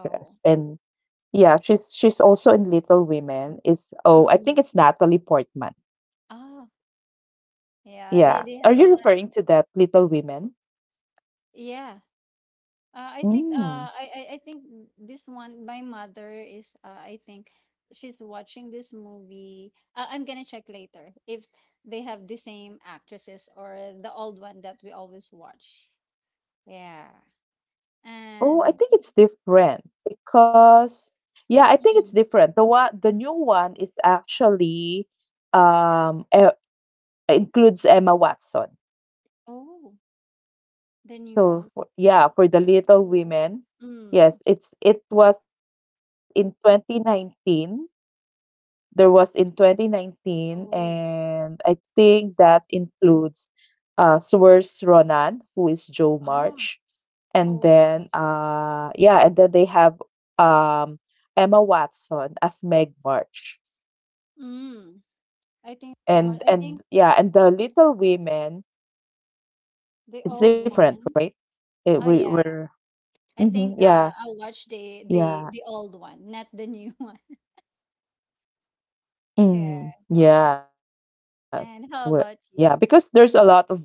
[SPEAKER 1] yeah, she's also in Little Women. It's oh, I think it's Natalie Portman.
[SPEAKER 2] mm-mm. Ah,
[SPEAKER 1] Yeah. Are you
[SPEAKER 2] yeah,
[SPEAKER 1] referring
[SPEAKER 2] they
[SPEAKER 1] to
[SPEAKER 2] they have
[SPEAKER 1] that
[SPEAKER 2] a lot.
[SPEAKER 1] Little Women?
[SPEAKER 2] Yeah.
[SPEAKER 1] Mm.
[SPEAKER 2] Uh, I think uh I think this one my mother is, I think she's watching this movie. I'm gonna check later if they have the same actresses or the old one that we always watch. Yeah.
[SPEAKER 1] Oh, I
[SPEAKER 2] And
[SPEAKER 1] think it's different because yeah, I think it's
[SPEAKER 2] mm,
[SPEAKER 1] different. The new one is actually um e- includes Emma Watson.
[SPEAKER 2] oh, the new
[SPEAKER 1] So
[SPEAKER 2] one.
[SPEAKER 1] for, yeah, for the Little Women,
[SPEAKER 2] Mm.
[SPEAKER 1] yes, it was in 2019. There was in 2019
[SPEAKER 2] Oh.
[SPEAKER 1] and I think that includes Saoirse Ronan, who is Jo March.
[SPEAKER 2] Ah,
[SPEAKER 1] And then,
[SPEAKER 2] okay.
[SPEAKER 1] yeah, and then they have um, Emma Watson as Meg March,
[SPEAKER 2] Mm.
[SPEAKER 1] and
[SPEAKER 2] I think
[SPEAKER 1] and yeah, and the Little Women.
[SPEAKER 2] the
[SPEAKER 1] It's
[SPEAKER 2] old
[SPEAKER 1] different,
[SPEAKER 2] one.
[SPEAKER 1] right? It,
[SPEAKER 2] Oh
[SPEAKER 1] we
[SPEAKER 2] yeah.
[SPEAKER 1] were,
[SPEAKER 2] I
[SPEAKER 1] mm-hmm,
[SPEAKER 2] think,
[SPEAKER 1] yeah,
[SPEAKER 2] I'll watch the the
[SPEAKER 1] yeah,
[SPEAKER 2] the old one, not the new [LAUGHS] one. Yeah.
[SPEAKER 1] mm, yeah, we- Yeah,
[SPEAKER 2] And how
[SPEAKER 1] because
[SPEAKER 2] about
[SPEAKER 1] there's a lot
[SPEAKER 2] you?
[SPEAKER 1] of versions of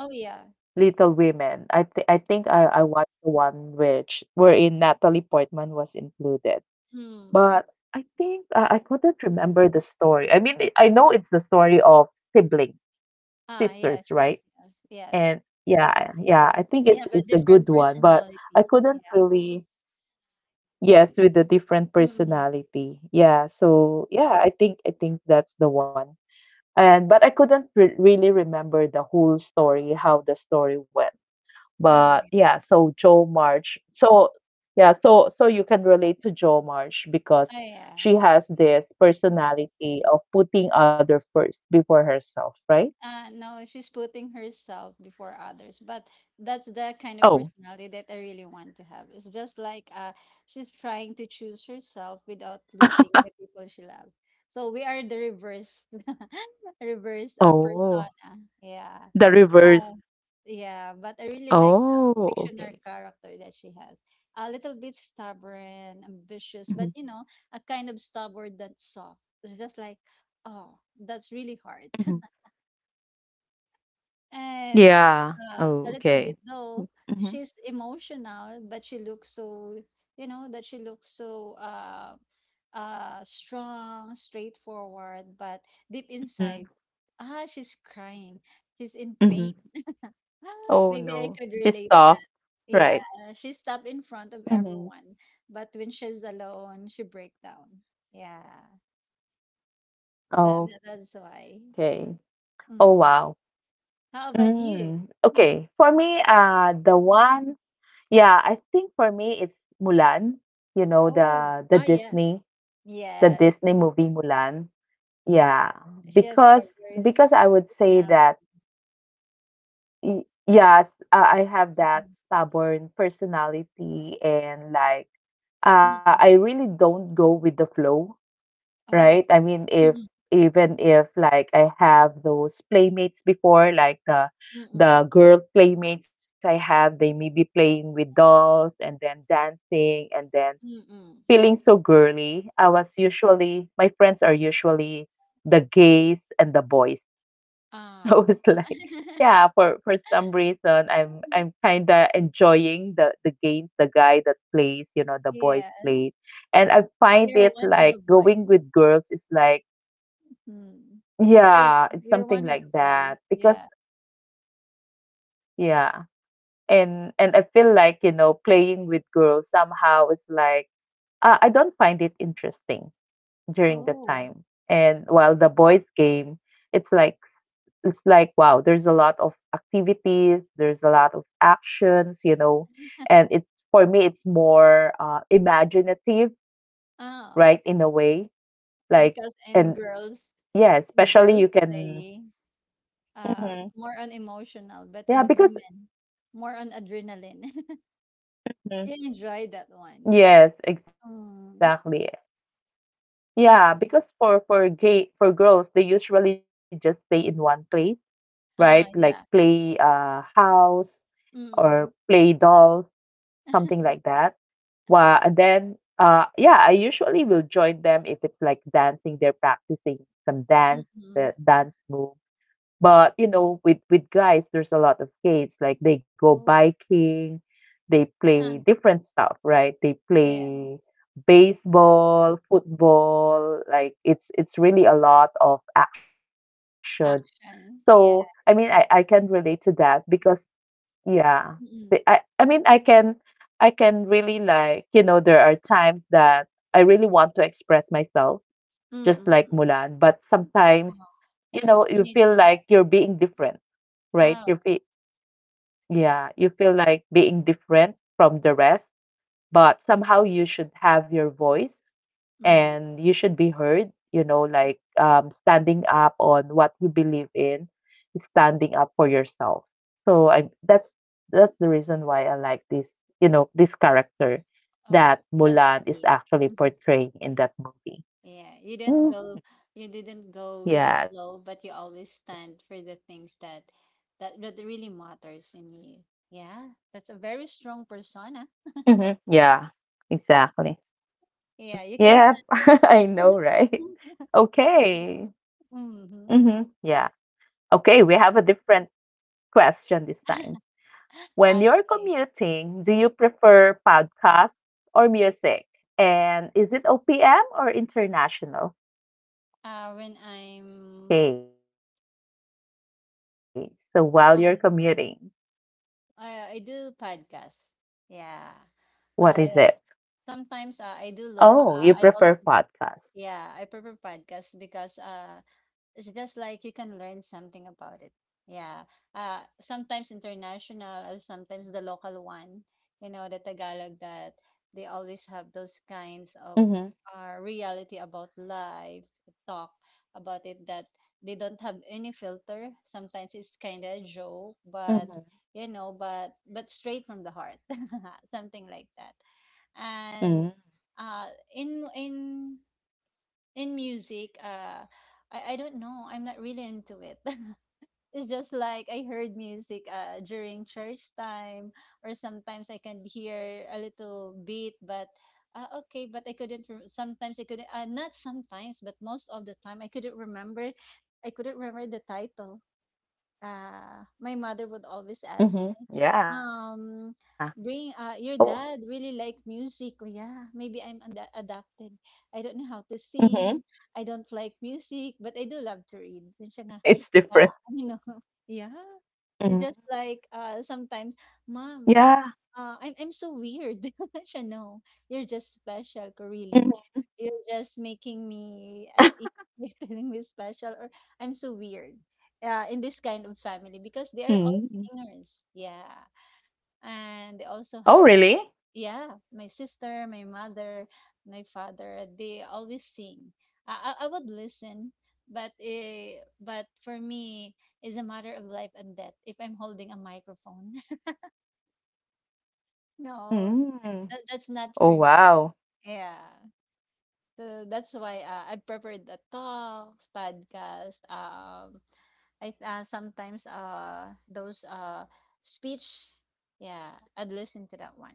[SPEAKER 2] Oh
[SPEAKER 1] Little
[SPEAKER 2] yeah.
[SPEAKER 1] Women. I think I watched the one which wherein Natalie Portman was included. But
[SPEAKER 2] Hmm.
[SPEAKER 1] I think I couldn't remember the story. I mean, I know it's the story of siblings,
[SPEAKER 2] Yes,
[SPEAKER 1] sisters,
[SPEAKER 2] yes,
[SPEAKER 1] right?
[SPEAKER 2] yes, yes.
[SPEAKER 1] And yeah, yeah, I think
[SPEAKER 2] They
[SPEAKER 1] it's
[SPEAKER 2] have a
[SPEAKER 1] it's a good
[SPEAKER 2] different
[SPEAKER 1] one, but I
[SPEAKER 2] personality. Yeah.
[SPEAKER 1] couldn't really, yes, with the different
[SPEAKER 2] Hmm.
[SPEAKER 1] personality. Yeah, so yeah, I think that's the one. And but I couldn't re really remember the whole story, how the story went.
[SPEAKER 2] Oh
[SPEAKER 1] But
[SPEAKER 2] yeah.
[SPEAKER 1] yeah, so Joe March. So yeah, so you can relate to Joe March because
[SPEAKER 2] Oh yeah.
[SPEAKER 1] she has this personality of putting other first before herself, right?
[SPEAKER 2] No, she's putting herself before others. But that's the kind of
[SPEAKER 1] Oh.
[SPEAKER 2] personality that I really want to have. It's just like, she's trying to choose herself
[SPEAKER 1] [LAUGHS]
[SPEAKER 2] without losing the people she loves. So we are the reverse, [LAUGHS] reverse,
[SPEAKER 1] Oh.
[SPEAKER 2] persona.
[SPEAKER 1] The
[SPEAKER 2] Yeah.
[SPEAKER 1] reverse.
[SPEAKER 2] But, yeah, but I really like
[SPEAKER 1] Oh,
[SPEAKER 2] the
[SPEAKER 1] okay.
[SPEAKER 2] fictional character that she has. A little bit stubborn,
[SPEAKER 1] Hmm.
[SPEAKER 2] ambitious, but a kind of stubborn that's soft. It's just like, oh, that's really hard.
[SPEAKER 1] Hmm.
[SPEAKER 2] And,
[SPEAKER 1] Yeah. Oh,
[SPEAKER 2] a little
[SPEAKER 1] okay.
[SPEAKER 2] bit, though,
[SPEAKER 1] Hmm.
[SPEAKER 2] she's emotional, but she looks so, that she looks so, strong, straightforward, but deep inside, she's crying. She's in pain.
[SPEAKER 1] Hmm. Oh
[SPEAKER 2] Maybe I
[SPEAKER 1] no.
[SPEAKER 2] could
[SPEAKER 1] She's
[SPEAKER 2] relate
[SPEAKER 1] soft.
[SPEAKER 2] that. Yeah,
[SPEAKER 1] Right.
[SPEAKER 2] she's up in front of
[SPEAKER 1] Hmm.
[SPEAKER 2] everyone, but when she's alone, she break down. Yeah, that's
[SPEAKER 1] Okay.
[SPEAKER 2] why.
[SPEAKER 1] Oh wow.
[SPEAKER 2] Mm. How
[SPEAKER 1] Mm.
[SPEAKER 2] about you?
[SPEAKER 1] Okay. For me, the one. Yeah, I think for me it's Mulan, you know, the
[SPEAKER 2] Oh, yeah,
[SPEAKER 1] Disney, the
[SPEAKER 2] yeah.
[SPEAKER 1] Disney movie Mulan. Yeah,
[SPEAKER 2] She has a
[SPEAKER 1] because
[SPEAKER 2] very
[SPEAKER 1] I
[SPEAKER 2] strong
[SPEAKER 1] would say
[SPEAKER 2] personality.
[SPEAKER 1] that yes, I have that
[SPEAKER 2] Mm-mm.
[SPEAKER 1] stubborn personality and like
[SPEAKER 2] Mm-mm.
[SPEAKER 1] I really don't go with the flow,
[SPEAKER 2] Oh.
[SPEAKER 1] right? I mean, if
[SPEAKER 2] Mm-mm.
[SPEAKER 1] even if like I have those playmates before, like the
[SPEAKER 2] Mm-mm.
[SPEAKER 1] the girl playmates I have, they may be playing with dolls and then dancing and then
[SPEAKER 2] Mm-mm.
[SPEAKER 1] feeling so girly. I was usually my friends are usually the gays and the boys. [LAUGHS] So
[SPEAKER 2] Oh.
[SPEAKER 1] it's like
[SPEAKER 2] [LAUGHS]
[SPEAKER 1] yeah, for some reason I'm kinda enjoying the games, the guy that plays, you know, the boys
[SPEAKER 2] Yeah,
[SPEAKER 1] play. And I find
[SPEAKER 2] you're
[SPEAKER 1] it
[SPEAKER 2] one of the
[SPEAKER 1] like
[SPEAKER 2] boys.
[SPEAKER 1] going with girls is like
[SPEAKER 2] Mm. You're
[SPEAKER 1] yeah, it's
[SPEAKER 2] you're
[SPEAKER 1] something
[SPEAKER 2] one of
[SPEAKER 1] like
[SPEAKER 2] the
[SPEAKER 1] that
[SPEAKER 2] boys.
[SPEAKER 1] because
[SPEAKER 2] Yeah.
[SPEAKER 1] yeah, and I feel like, you know, playing with girls somehow is like I don't find it interesting during the
[SPEAKER 2] Oh.
[SPEAKER 1] time. And while the boys game, it's like wow, there's a lot of activities, there's a lot of actions, you know, and it's for me it's more imaginative,
[SPEAKER 2] Ah,
[SPEAKER 1] right, in a way. Like
[SPEAKER 2] because in
[SPEAKER 1] and
[SPEAKER 2] girls,
[SPEAKER 1] yeah, especially you can
[SPEAKER 2] play,
[SPEAKER 1] Mhm.
[SPEAKER 2] more on emotional, but in
[SPEAKER 1] Yeah, because
[SPEAKER 2] women, more on adrenaline. [LAUGHS] You enjoy that one.
[SPEAKER 1] Yes, exactly.
[SPEAKER 2] Um.
[SPEAKER 1] Yeah, because for gay for girls, they usually just stay in one place, right? Like play
[SPEAKER 2] Yeah.
[SPEAKER 1] house or
[SPEAKER 2] Mm-mm.
[SPEAKER 1] play dolls, something like that. Wow, and then yeah, I usually will join them if it's like dancing, they're practicing some dance,
[SPEAKER 2] Mm-mm.
[SPEAKER 1] dance move but you know, with guys, there's a lot of games like they go
[SPEAKER 2] Oh.
[SPEAKER 1] biking, they play
[SPEAKER 2] Ah.
[SPEAKER 1] different stuff, right? They
[SPEAKER 2] Yeah,
[SPEAKER 1] play baseball, football, like it's really a lot of actions. So
[SPEAKER 2] action,
[SPEAKER 1] I mean,
[SPEAKER 2] yeah.
[SPEAKER 1] I can relate to that because yeah, I
[SPEAKER 2] Mm,
[SPEAKER 1] mean, I can really like you know there are times that I really want to express myself just
[SPEAKER 2] mm,
[SPEAKER 1] like
[SPEAKER 2] mm.
[SPEAKER 1] Mulan. But
[SPEAKER 2] Oh,
[SPEAKER 1] sometimes, you know,
[SPEAKER 2] you
[SPEAKER 1] you
[SPEAKER 2] need
[SPEAKER 1] feel
[SPEAKER 2] to
[SPEAKER 1] like
[SPEAKER 2] hide,
[SPEAKER 1] you're being different, right? You
[SPEAKER 2] oh,
[SPEAKER 1] feel, yeah, you feel like being different from the rest, but somehow you should have your voice
[SPEAKER 2] mm,
[SPEAKER 1] and you should be heard, you know, like standing up on what you believe in, standing up for yourself. So that's the reason why I like this, you know, this character that
[SPEAKER 2] oh, that's
[SPEAKER 1] Mulan is
[SPEAKER 2] sweet.
[SPEAKER 1] actually
[SPEAKER 2] Mhm.
[SPEAKER 1] portraying in that movie.
[SPEAKER 2] Yeah,
[SPEAKER 1] Mhm.
[SPEAKER 2] you didn't go with the flow,
[SPEAKER 1] Yeah.
[SPEAKER 2] but you always stand for the things that really matters in you. Yeah, that's a very strong persona.
[SPEAKER 1] Mhm. Yeah, exactly.
[SPEAKER 2] Yeah, you can
[SPEAKER 1] Yep,
[SPEAKER 2] stand
[SPEAKER 1] [LAUGHS] I know, right?
[SPEAKER 2] alone. [LAUGHS]
[SPEAKER 1] Okay. Hmm.
[SPEAKER 2] Mm-hmm.
[SPEAKER 1] Yeah. Okay, we have a different question this time. When you're
[SPEAKER 2] Okay.
[SPEAKER 1] commuting, do you prefer podcasts or music? And is it OPM or international?
[SPEAKER 2] When I'm
[SPEAKER 1] Okay, so while you're commuting,
[SPEAKER 2] on,
[SPEAKER 1] yes.
[SPEAKER 2] I do
[SPEAKER 1] So
[SPEAKER 2] podcasts. Yeah.
[SPEAKER 1] what is
[SPEAKER 2] I
[SPEAKER 1] it?
[SPEAKER 2] Sometimes, I do look,
[SPEAKER 1] Oh, you
[SPEAKER 2] I also,
[SPEAKER 1] prefer podcasts.
[SPEAKER 2] yeah, I prefer podcast because, it's just like you can learn something about it. Yeah. Sometimes international, sometimes the local one, you know, the Tagalog, that they always have those kinds of,
[SPEAKER 1] Mm-hmm.
[SPEAKER 2] reality about life, talk about it, that they don't have any filter. Sometimes it's kind of a joke, but
[SPEAKER 1] Mm-hmm.
[SPEAKER 2] but straight from the heart, [LAUGHS] something like that, and, uh in in in music, I don't know, I'm not really into it. [LAUGHS] It's just like I heard music during church time, or sometimes I can hear a little beat, but, okay, but I couldn't, sometimes I couldn't, not sometimes, but most of the time I couldn't remember, the title. My mother would always
[SPEAKER 1] Mm-hmm.
[SPEAKER 2] ask me,
[SPEAKER 1] Yeah.
[SPEAKER 2] um,
[SPEAKER 1] Oh.
[SPEAKER 2] bring, your dad really like music. Oh, yeah, maybe I'm adapted. I don't know how
[SPEAKER 1] Mm-hmm.
[SPEAKER 2] to
[SPEAKER 1] [LAUGHS]
[SPEAKER 2] sing. I don't like music, but I do love to read. And
[SPEAKER 1] It's
[SPEAKER 2] siya nga,
[SPEAKER 1] different.
[SPEAKER 2] yeah, [LAUGHS] you know, yeah.
[SPEAKER 1] Mm,
[SPEAKER 2] It's just like, sometimes,
[SPEAKER 1] yeah.
[SPEAKER 2] mom, I'm so weird. [LAUGHS] Siya, no, you're just special, ko,
[SPEAKER 1] Mhm.
[SPEAKER 2] really. You're just making me at ease
[SPEAKER 1] [LAUGHS]
[SPEAKER 2] by [LAUGHS] telling me special, or I'm so weird, yeah, in this kind of family, because they are all
[SPEAKER 1] Mm.
[SPEAKER 2] singers. Yeah. And they also
[SPEAKER 1] Oh,
[SPEAKER 2] have,
[SPEAKER 1] really?
[SPEAKER 2] yeah, my sister, my mother, my father, they always sing. I would listen, but, for me, it's a matter of life and death if I'm holding a microphone. [LAUGHS] No,
[SPEAKER 1] Mm.
[SPEAKER 2] that's not for me.
[SPEAKER 1] Oh, wow.
[SPEAKER 2] Yeah. So that's why, I prefer the talks, podcast, I, sometimes, those, speech, yeah, I'd listen to that one.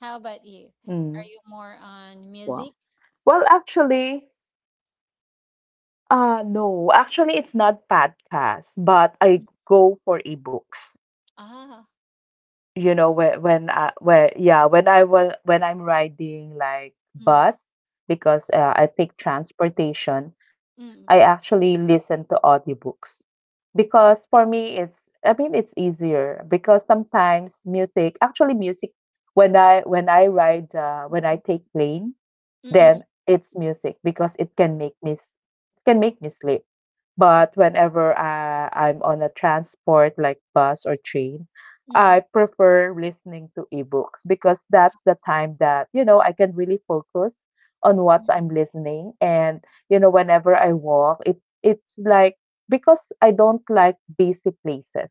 [SPEAKER 2] How about you? Are
[SPEAKER 1] Mm.
[SPEAKER 2] you more on
[SPEAKER 1] Wow.
[SPEAKER 2] music?
[SPEAKER 1] Well, actually, no, actually, it's not podcast, but I go for ebooks.
[SPEAKER 2] Ah,
[SPEAKER 1] You know, when I where yeah, when I was when I'm riding like
[SPEAKER 2] mm,
[SPEAKER 1] bus because I take transportation, I
[SPEAKER 2] mm,
[SPEAKER 1] actually listen to audiobooks. Because for me, it's I mean, it's easier because sometimes music, actually music, when I ride, when I
[SPEAKER 2] mm,
[SPEAKER 1] take plane,
[SPEAKER 2] mm, mm,
[SPEAKER 1] then it's music because it can make can make me sleep.
[SPEAKER 2] oh,
[SPEAKER 1] But whenever I'm on a transport like bus or train,
[SPEAKER 2] mm,
[SPEAKER 1] I
[SPEAKER 2] mm,
[SPEAKER 1] prefer listening to ebooks because that's the time that, you know, I can really focus on what I'm
[SPEAKER 2] mm,
[SPEAKER 1] listening. And, you know, whenever I walk, it's like because I don't like busy places.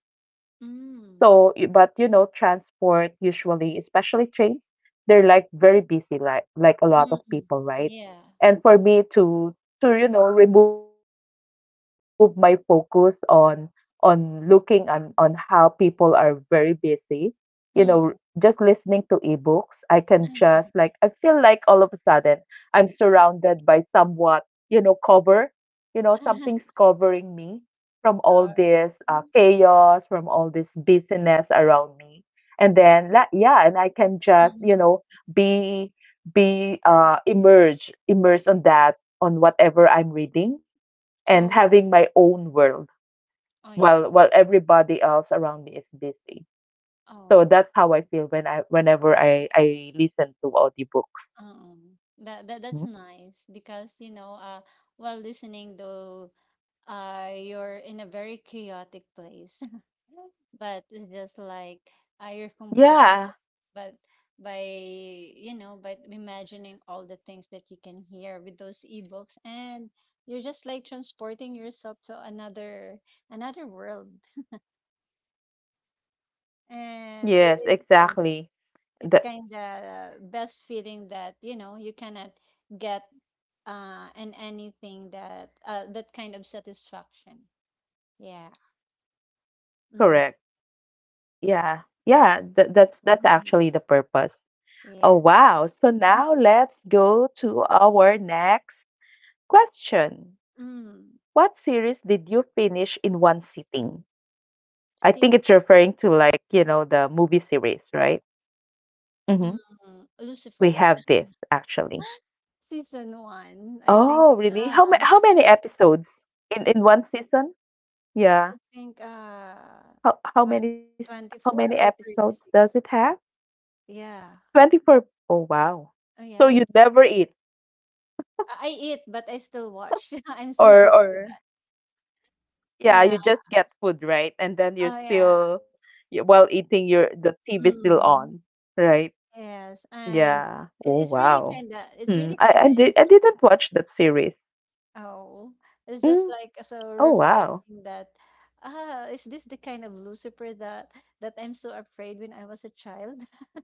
[SPEAKER 1] So,
[SPEAKER 2] mm,
[SPEAKER 1] but you know, transport usually, especially trains, they're like very busy, like a lot of
[SPEAKER 2] mm,
[SPEAKER 1] people,
[SPEAKER 2] mm,
[SPEAKER 1] right?
[SPEAKER 2] yeah,
[SPEAKER 1] And for me to you know remove my focus on looking on how people are very busy, you know, just
[SPEAKER 2] mm.
[SPEAKER 1] listening to ebooks, I can just like I feel like all of a sudden I'm surrounded by somewhat, you know, cover, you know, something's
[SPEAKER 2] [LAUGHS]
[SPEAKER 1] covering me from all this
[SPEAKER 2] Alright.
[SPEAKER 1] chaos, from all this busyness around me. And then, yeah, and I can just, you
[SPEAKER 2] Mm.
[SPEAKER 1] know, be immersed on that on whatever I'm reading, and
[SPEAKER 2] Oh,
[SPEAKER 1] having my own world
[SPEAKER 2] oh yeah.
[SPEAKER 1] while everybody else around me is busy.
[SPEAKER 2] Oh,
[SPEAKER 1] So
[SPEAKER 2] right.
[SPEAKER 1] that's how I feel when I whenever I listen to audiobooks.
[SPEAKER 2] That's
[SPEAKER 1] Mm.
[SPEAKER 2] nice because, while listening to, you're in a very chaotic place, [LAUGHS] but it's just like, you're comforting
[SPEAKER 1] Yeah.
[SPEAKER 2] your- but by, by imagining all the things that you can hear with those ebooks, and you're just like transporting yourself to another, world, and is
[SPEAKER 1] Yes,
[SPEAKER 2] kind
[SPEAKER 1] exactly.
[SPEAKER 2] it's kind of best feeling, that you cannot get, and anything, that kind of satisfaction, yeah.
[SPEAKER 1] Correct. Yeah. Yeah, th that's actually
[SPEAKER 2] Mm-mm.
[SPEAKER 1] the purpose. Oh,
[SPEAKER 2] Yes.
[SPEAKER 1] wow. So now let's go to our next question.
[SPEAKER 2] Mm.
[SPEAKER 1] What series did you finish in one sitting? I think
[SPEAKER 2] Ser-
[SPEAKER 1] it's referring to like, you know, the movie series, right? Mm-hmm.
[SPEAKER 2] mm.
[SPEAKER 1] We
[SPEAKER 2] Lucifer.
[SPEAKER 1] have this actually.
[SPEAKER 2] [LAUGHS] Season one.
[SPEAKER 1] Oh, really? How ma
[SPEAKER 2] Ah,
[SPEAKER 1] how many episodes in one season?
[SPEAKER 2] I
[SPEAKER 1] Yeah.
[SPEAKER 2] think,
[SPEAKER 1] How how
[SPEAKER 2] tw-
[SPEAKER 1] many s- how many
[SPEAKER 2] 24 or
[SPEAKER 1] episodes does
[SPEAKER 2] 36.
[SPEAKER 1] it have?
[SPEAKER 2] Yeah.
[SPEAKER 1] 24. Oh, wow.
[SPEAKER 2] Oh
[SPEAKER 1] So
[SPEAKER 2] yeah.
[SPEAKER 1] you never eat.
[SPEAKER 2] I eat but I still watch. [LAUGHS] I'm so
[SPEAKER 1] or
[SPEAKER 2] hooked with
[SPEAKER 1] or
[SPEAKER 2] that.
[SPEAKER 1] yeah,
[SPEAKER 2] Yeah.
[SPEAKER 1] you just get food, right? And then
[SPEAKER 2] Oh
[SPEAKER 1] you're
[SPEAKER 2] yeah.
[SPEAKER 1] still while eating your the TV still
[SPEAKER 2] Mm.
[SPEAKER 1] on, right?
[SPEAKER 2] Yes. And
[SPEAKER 1] Yeah. Oh wow.
[SPEAKER 2] it's
[SPEAKER 1] Hmm.
[SPEAKER 2] really kind of
[SPEAKER 1] I
[SPEAKER 2] interesting.
[SPEAKER 1] didn't watch that series.
[SPEAKER 2] Oh, it's just
[SPEAKER 1] Mm.
[SPEAKER 2] like so
[SPEAKER 1] Oh wow.
[SPEAKER 2] refreshing that, is this the kind of Lucifer that I'm so afraid when I was a child? [LAUGHS]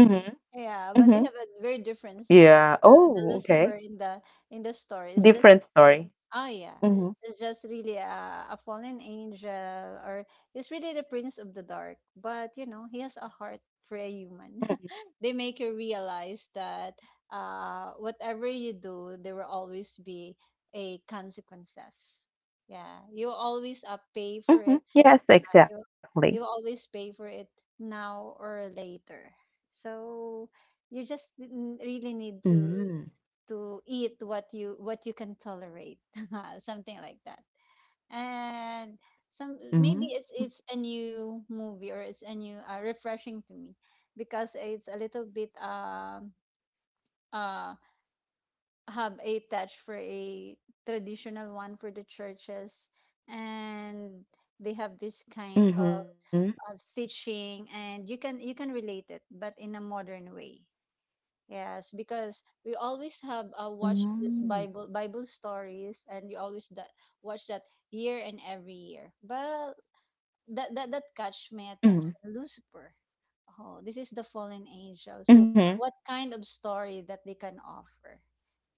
[SPEAKER 1] Mm-hmm.
[SPEAKER 2] Yeah, but
[SPEAKER 1] Mm-hmm.
[SPEAKER 2] they have a very different story.
[SPEAKER 1] Yeah.
[SPEAKER 2] The
[SPEAKER 1] Oh,
[SPEAKER 2] Lucifer
[SPEAKER 1] okay.
[SPEAKER 2] in the story is just,
[SPEAKER 1] Different story.
[SPEAKER 2] oh yeah,
[SPEAKER 1] Mm-hmm.
[SPEAKER 2] it's just really a fallen angel, or he's really the prince of the dark. But you know, he has a heart for a human.
[SPEAKER 1] Mm-hmm.
[SPEAKER 2] [LAUGHS] They make you realize that, whatever you do, there will always be a consequences. Yeah, you always, pay for
[SPEAKER 1] Mm-hmm.
[SPEAKER 2] it.
[SPEAKER 1] Yes,
[SPEAKER 2] You
[SPEAKER 1] exactly.
[SPEAKER 2] you always pay for it now or later. So you just really need to
[SPEAKER 1] Mm-hmm.
[SPEAKER 2] eat what you can tolerate [LAUGHS] something like that. And some,
[SPEAKER 1] Mm-hmm.
[SPEAKER 2] maybe it's a new movie, or it's a new, refreshing to me, because it's a little bit, uh have a touch for a traditional one for the churches, and they have this kind
[SPEAKER 1] Mm-hmm.
[SPEAKER 2] of teaching, and you can relate it, but in a modern way. Yes, because we always have watched this Bible stories, and we always that watch that year and every year. But that catch my
[SPEAKER 1] Mm-hmm.
[SPEAKER 2] attention. Lucifer. Oh, this is the fallen angel. So
[SPEAKER 1] Mm-hmm.
[SPEAKER 2] what kind of story that they can offer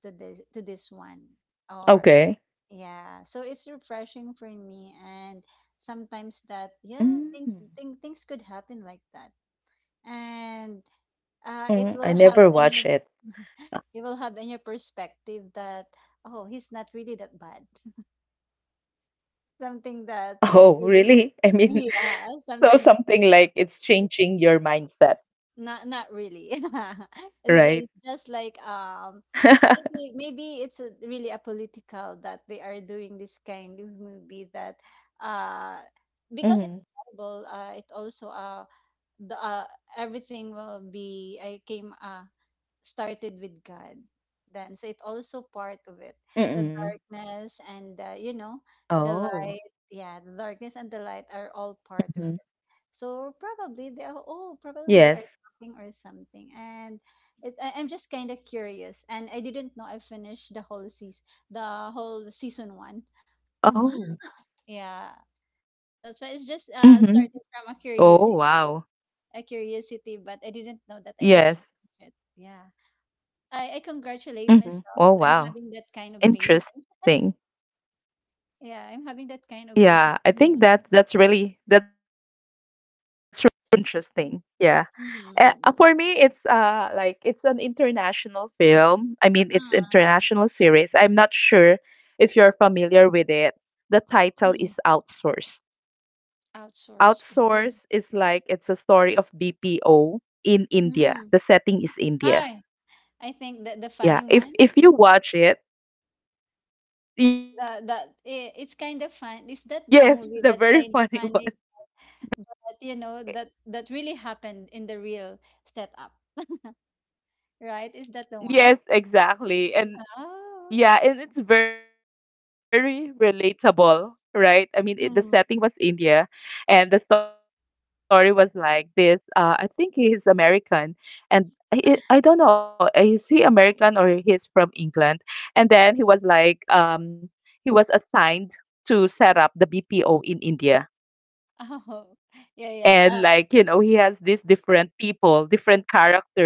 [SPEAKER 2] to this one? Or
[SPEAKER 1] Okay.
[SPEAKER 2] yeah, so it's refreshing for me, and sometimes that, yeah,
[SPEAKER 1] Mm-hmm.
[SPEAKER 2] things could happen like that, and it
[SPEAKER 1] I
[SPEAKER 2] will have
[SPEAKER 1] never
[SPEAKER 2] a
[SPEAKER 1] watch
[SPEAKER 2] new,
[SPEAKER 1] it.
[SPEAKER 2] you will have a new perspective that, oh, he's not really that bad. [LAUGHS] Something that is
[SPEAKER 1] Oh,
[SPEAKER 2] really,
[SPEAKER 1] really? I mean,
[SPEAKER 2] yeah,
[SPEAKER 1] [LAUGHS] so
[SPEAKER 2] sometimes that-
[SPEAKER 1] something like it's changing your mindset,
[SPEAKER 2] not not really. [LAUGHS]
[SPEAKER 1] right?
[SPEAKER 2] It's just, like,
[SPEAKER 1] [LAUGHS]
[SPEAKER 2] maybe, it's a, really a political that they are doing this kind of movie that, uh because it's
[SPEAKER 1] Mm-hmm.
[SPEAKER 2] Bible, it also the, everything will be, I came, started with God then. So it also part of it. The
[SPEAKER 1] Mm-mm.
[SPEAKER 2] darkness and, you know, the
[SPEAKER 1] Oh.
[SPEAKER 2] light. Yeah, the darkness and the light are all part of
[SPEAKER 1] Mm-hmm.
[SPEAKER 2] it. So probably they are all, probably they
[SPEAKER 1] Yes.
[SPEAKER 2] are talking or something. And it, I'm just kind of curious. And I didn't know I finished the whole season one. [LAUGHS] Kuma.
[SPEAKER 1] Oh.
[SPEAKER 2] Yeah, that's why it's just
[SPEAKER 1] Mm-hmm.
[SPEAKER 2] starting from a
[SPEAKER 1] Oh,
[SPEAKER 2] curiosity,
[SPEAKER 1] wow.
[SPEAKER 2] a curiosity. But I didn't know that I could
[SPEAKER 1] Yes.
[SPEAKER 2] finish it. Yeah. I congratulate myself. I'm
[SPEAKER 1] Mm-hmm. Oh,
[SPEAKER 2] having that
[SPEAKER 1] wow.
[SPEAKER 2] kind of patience.
[SPEAKER 1] Interesting.
[SPEAKER 2] Yeah, I'm having that kind of patience. Really.
[SPEAKER 1] Yeah, I think that that's really interesting. Yeah.
[SPEAKER 2] Mm.
[SPEAKER 1] For me, it's like it's an international film. I mean,
[SPEAKER 2] Ah,
[SPEAKER 1] it's international series. I'm not sure if you're familiar with it.
[SPEAKER 2] mm.
[SPEAKER 1] The title is Outsourced.
[SPEAKER 2] Outsource. Ooh.
[SPEAKER 1] Outsourced is like it's a story of
[SPEAKER 2] Mm.
[SPEAKER 1] BPO in
[SPEAKER 2] I
[SPEAKER 1] India.
[SPEAKER 2] I
[SPEAKER 1] The
[SPEAKER 2] think that
[SPEAKER 1] setting
[SPEAKER 2] the
[SPEAKER 1] is
[SPEAKER 2] funny
[SPEAKER 1] India.
[SPEAKER 2] one.
[SPEAKER 1] Yeah. If you watch
[SPEAKER 2] That
[SPEAKER 1] it,
[SPEAKER 2] that I It's kind of fun. Is
[SPEAKER 1] [LAUGHS]
[SPEAKER 2] that the
[SPEAKER 1] yes,
[SPEAKER 2] movie
[SPEAKER 1] the
[SPEAKER 2] that's
[SPEAKER 1] very
[SPEAKER 2] kind of
[SPEAKER 1] funny [LAUGHS] one,
[SPEAKER 2] funny?
[SPEAKER 1] right?
[SPEAKER 2] But you know that that really happened in the real setup, right? Is that the one?
[SPEAKER 1] Yes, exactly. And
[SPEAKER 2] Oh.
[SPEAKER 1] yeah, and it's very relatable, right? I mean, it, the setting was
[SPEAKER 2] Mm.
[SPEAKER 1] India, and the story was like this. I think he is American, and he, I don't know,
[SPEAKER 2] [LAUGHS]
[SPEAKER 1] is he American or he's from England? And then he was like, he was assigned to set up the BPO in India
[SPEAKER 2] Oh.
[SPEAKER 1] and
[SPEAKER 2] Yeah.
[SPEAKER 1] like you
[SPEAKER 2] Yeah.
[SPEAKER 1] know he has these different people different characters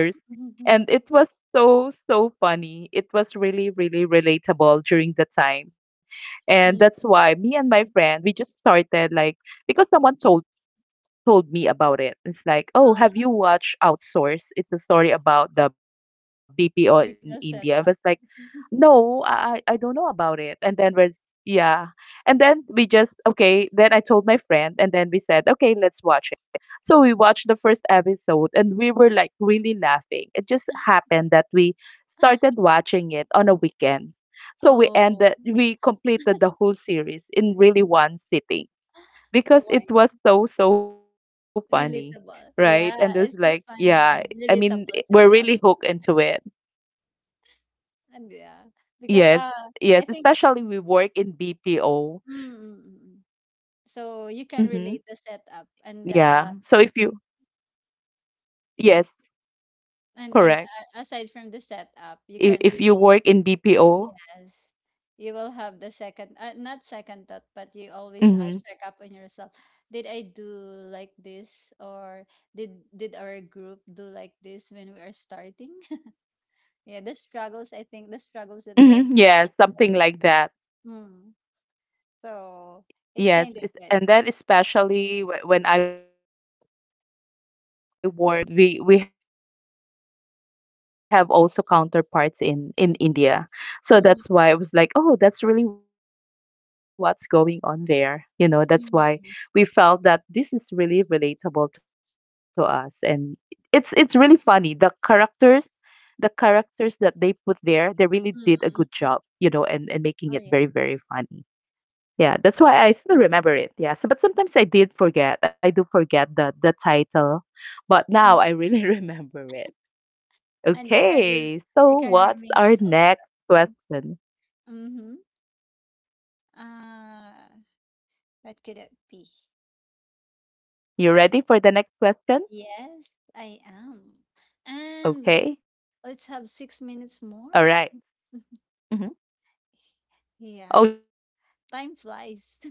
[SPEAKER 1] and it
[SPEAKER 2] Uh, [LAUGHS]
[SPEAKER 1] was so funny, it was really really relatable during the time, and
[SPEAKER 2] mm,
[SPEAKER 1] that's why me and my friend we just started like because someone told me about it, it's like oh have you
[SPEAKER 2] uh,
[SPEAKER 1] watched outsource, it's a story about the bpo in india, I was
[SPEAKER 2] BPL
[SPEAKER 1] like
[SPEAKER 2] setup.
[SPEAKER 1] no
[SPEAKER 2] [LAUGHS]
[SPEAKER 1] I don't know about it, and then we're yeah, and then we just, okay, then I told my friend, and then we said, okay, let's watch it. So we watched the first episode and we were like really laughing. It just happened that we started watching it on a weekend. So we
[SPEAKER 2] Oh,
[SPEAKER 1] ended, we completed the whole series in really one sitting because
[SPEAKER 2] why?
[SPEAKER 1] it was so, so funny, right?
[SPEAKER 2] Relatable.
[SPEAKER 1] And it was
[SPEAKER 2] Yeah,
[SPEAKER 1] like,
[SPEAKER 2] it's so
[SPEAKER 1] yeah,
[SPEAKER 2] funny
[SPEAKER 1] I
[SPEAKER 2] and
[SPEAKER 1] mean, we're
[SPEAKER 2] relatable
[SPEAKER 1] really hooked
[SPEAKER 2] setup.
[SPEAKER 1] into it.
[SPEAKER 2] And yeah,
[SPEAKER 1] Yes,
[SPEAKER 2] because,
[SPEAKER 1] yes,
[SPEAKER 2] I think,
[SPEAKER 1] especially we work in BPO.
[SPEAKER 2] mm, mm, mm, mm, so you can
[SPEAKER 1] Mm-hmm.
[SPEAKER 2] relate the setup and,
[SPEAKER 1] Yeah. So if you, yes,
[SPEAKER 2] and
[SPEAKER 1] correct.
[SPEAKER 2] aside from the
[SPEAKER 1] If
[SPEAKER 2] setup,
[SPEAKER 1] you
[SPEAKER 2] you
[SPEAKER 1] work
[SPEAKER 2] can
[SPEAKER 1] in
[SPEAKER 2] really,
[SPEAKER 1] BPO,
[SPEAKER 2] yes, you will have the second, not second thought, but you
[SPEAKER 1] mm-hmm,
[SPEAKER 2] always, check up on yourself. Did I do like this, or did our group do like this when we are starting? Yeah, the struggles, I think the struggles that they are
[SPEAKER 1] mm-hmm, yes,
[SPEAKER 2] facing.
[SPEAKER 1] something like that.
[SPEAKER 2] Mm. So it's
[SPEAKER 1] Yes,
[SPEAKER 2] kind of
[SPEAKER 1] it's,
[SPEAKER 2] good.
[SPEAKER 1] and then especially when I work. Yeah, and when I work in Dell, you know, we have also counterparts in India. So
[SPEAKER 2] Mm,
[SPEAKER 1] that's why I was like, oh, that's really what's going on there. You know, that's why we
[SPEAKER 2] mm,
[SPEAKER 1] felt
[SPEAKER 2] mm,
[SPEAKER 1] that this is really relatable to us and it's really funny. The characters that they put there, they really did a good
[SPEAKER 2] mm,
[SPEAKER 1] job,
[SPEAKER 2] mm,
[SPEAKER 1] you
[SPEAKER 2] mm.
[SPEAKER 1] know, and making it
[SPEAKER 2] Oh
[SPEAKER 1] very,
[SPEAKER 2] yeah.
[SPEAKER 1] very funny. Yeah, that's why I still remember it. Yeah, so but sometimes I did forget. I do forget the title, but now
[SPEAKER 2] Mm.
[SPEAKER 1] I really [LAUGHS] remember it.
[SPEAKER 2] And you can re,
[SPEAKER 1] Okay,
[SPEAKER 2] you
[SPEAKER 1] so
[SPEAKER 2] can
[SPEAKER 1] what's
[SPEAKER 2] remain this
[SPEAKER 1] our next
[SPEAKER 2] open.
[SPEAKER 1] question?
[SPEAKER 2] Mm-hmm.
[SPEAKER 1] Mm-hmm.
[SPEAKER 2] Uh,
[SPEAKER 1] Yeah.
[SPEAKER 2] what could it be?
[SPEAKER 1] Okay, you ready for the next question?
[SPEAKER 2] Yes, I am. And
[SPEAKER 1] Okay.
[SPEAKER 2] let's have
[SPEAKER 1] All
[SPEAKER 2] six
[SPEAKER 1] right.
[SPEAKER 2] minutes more.
[SPEAKER 1] Mm-hmm. Oh
[SPEAKER 2] Yeah.
[SPEAKER 1] yeah. Okay, let's make
[SPEAKER 2] Time
[SPEAKER 1] this
[SPEAKER 2] flies.
[SPEAKER 1] quick.
[SPEAKER 2] [LAUGHS]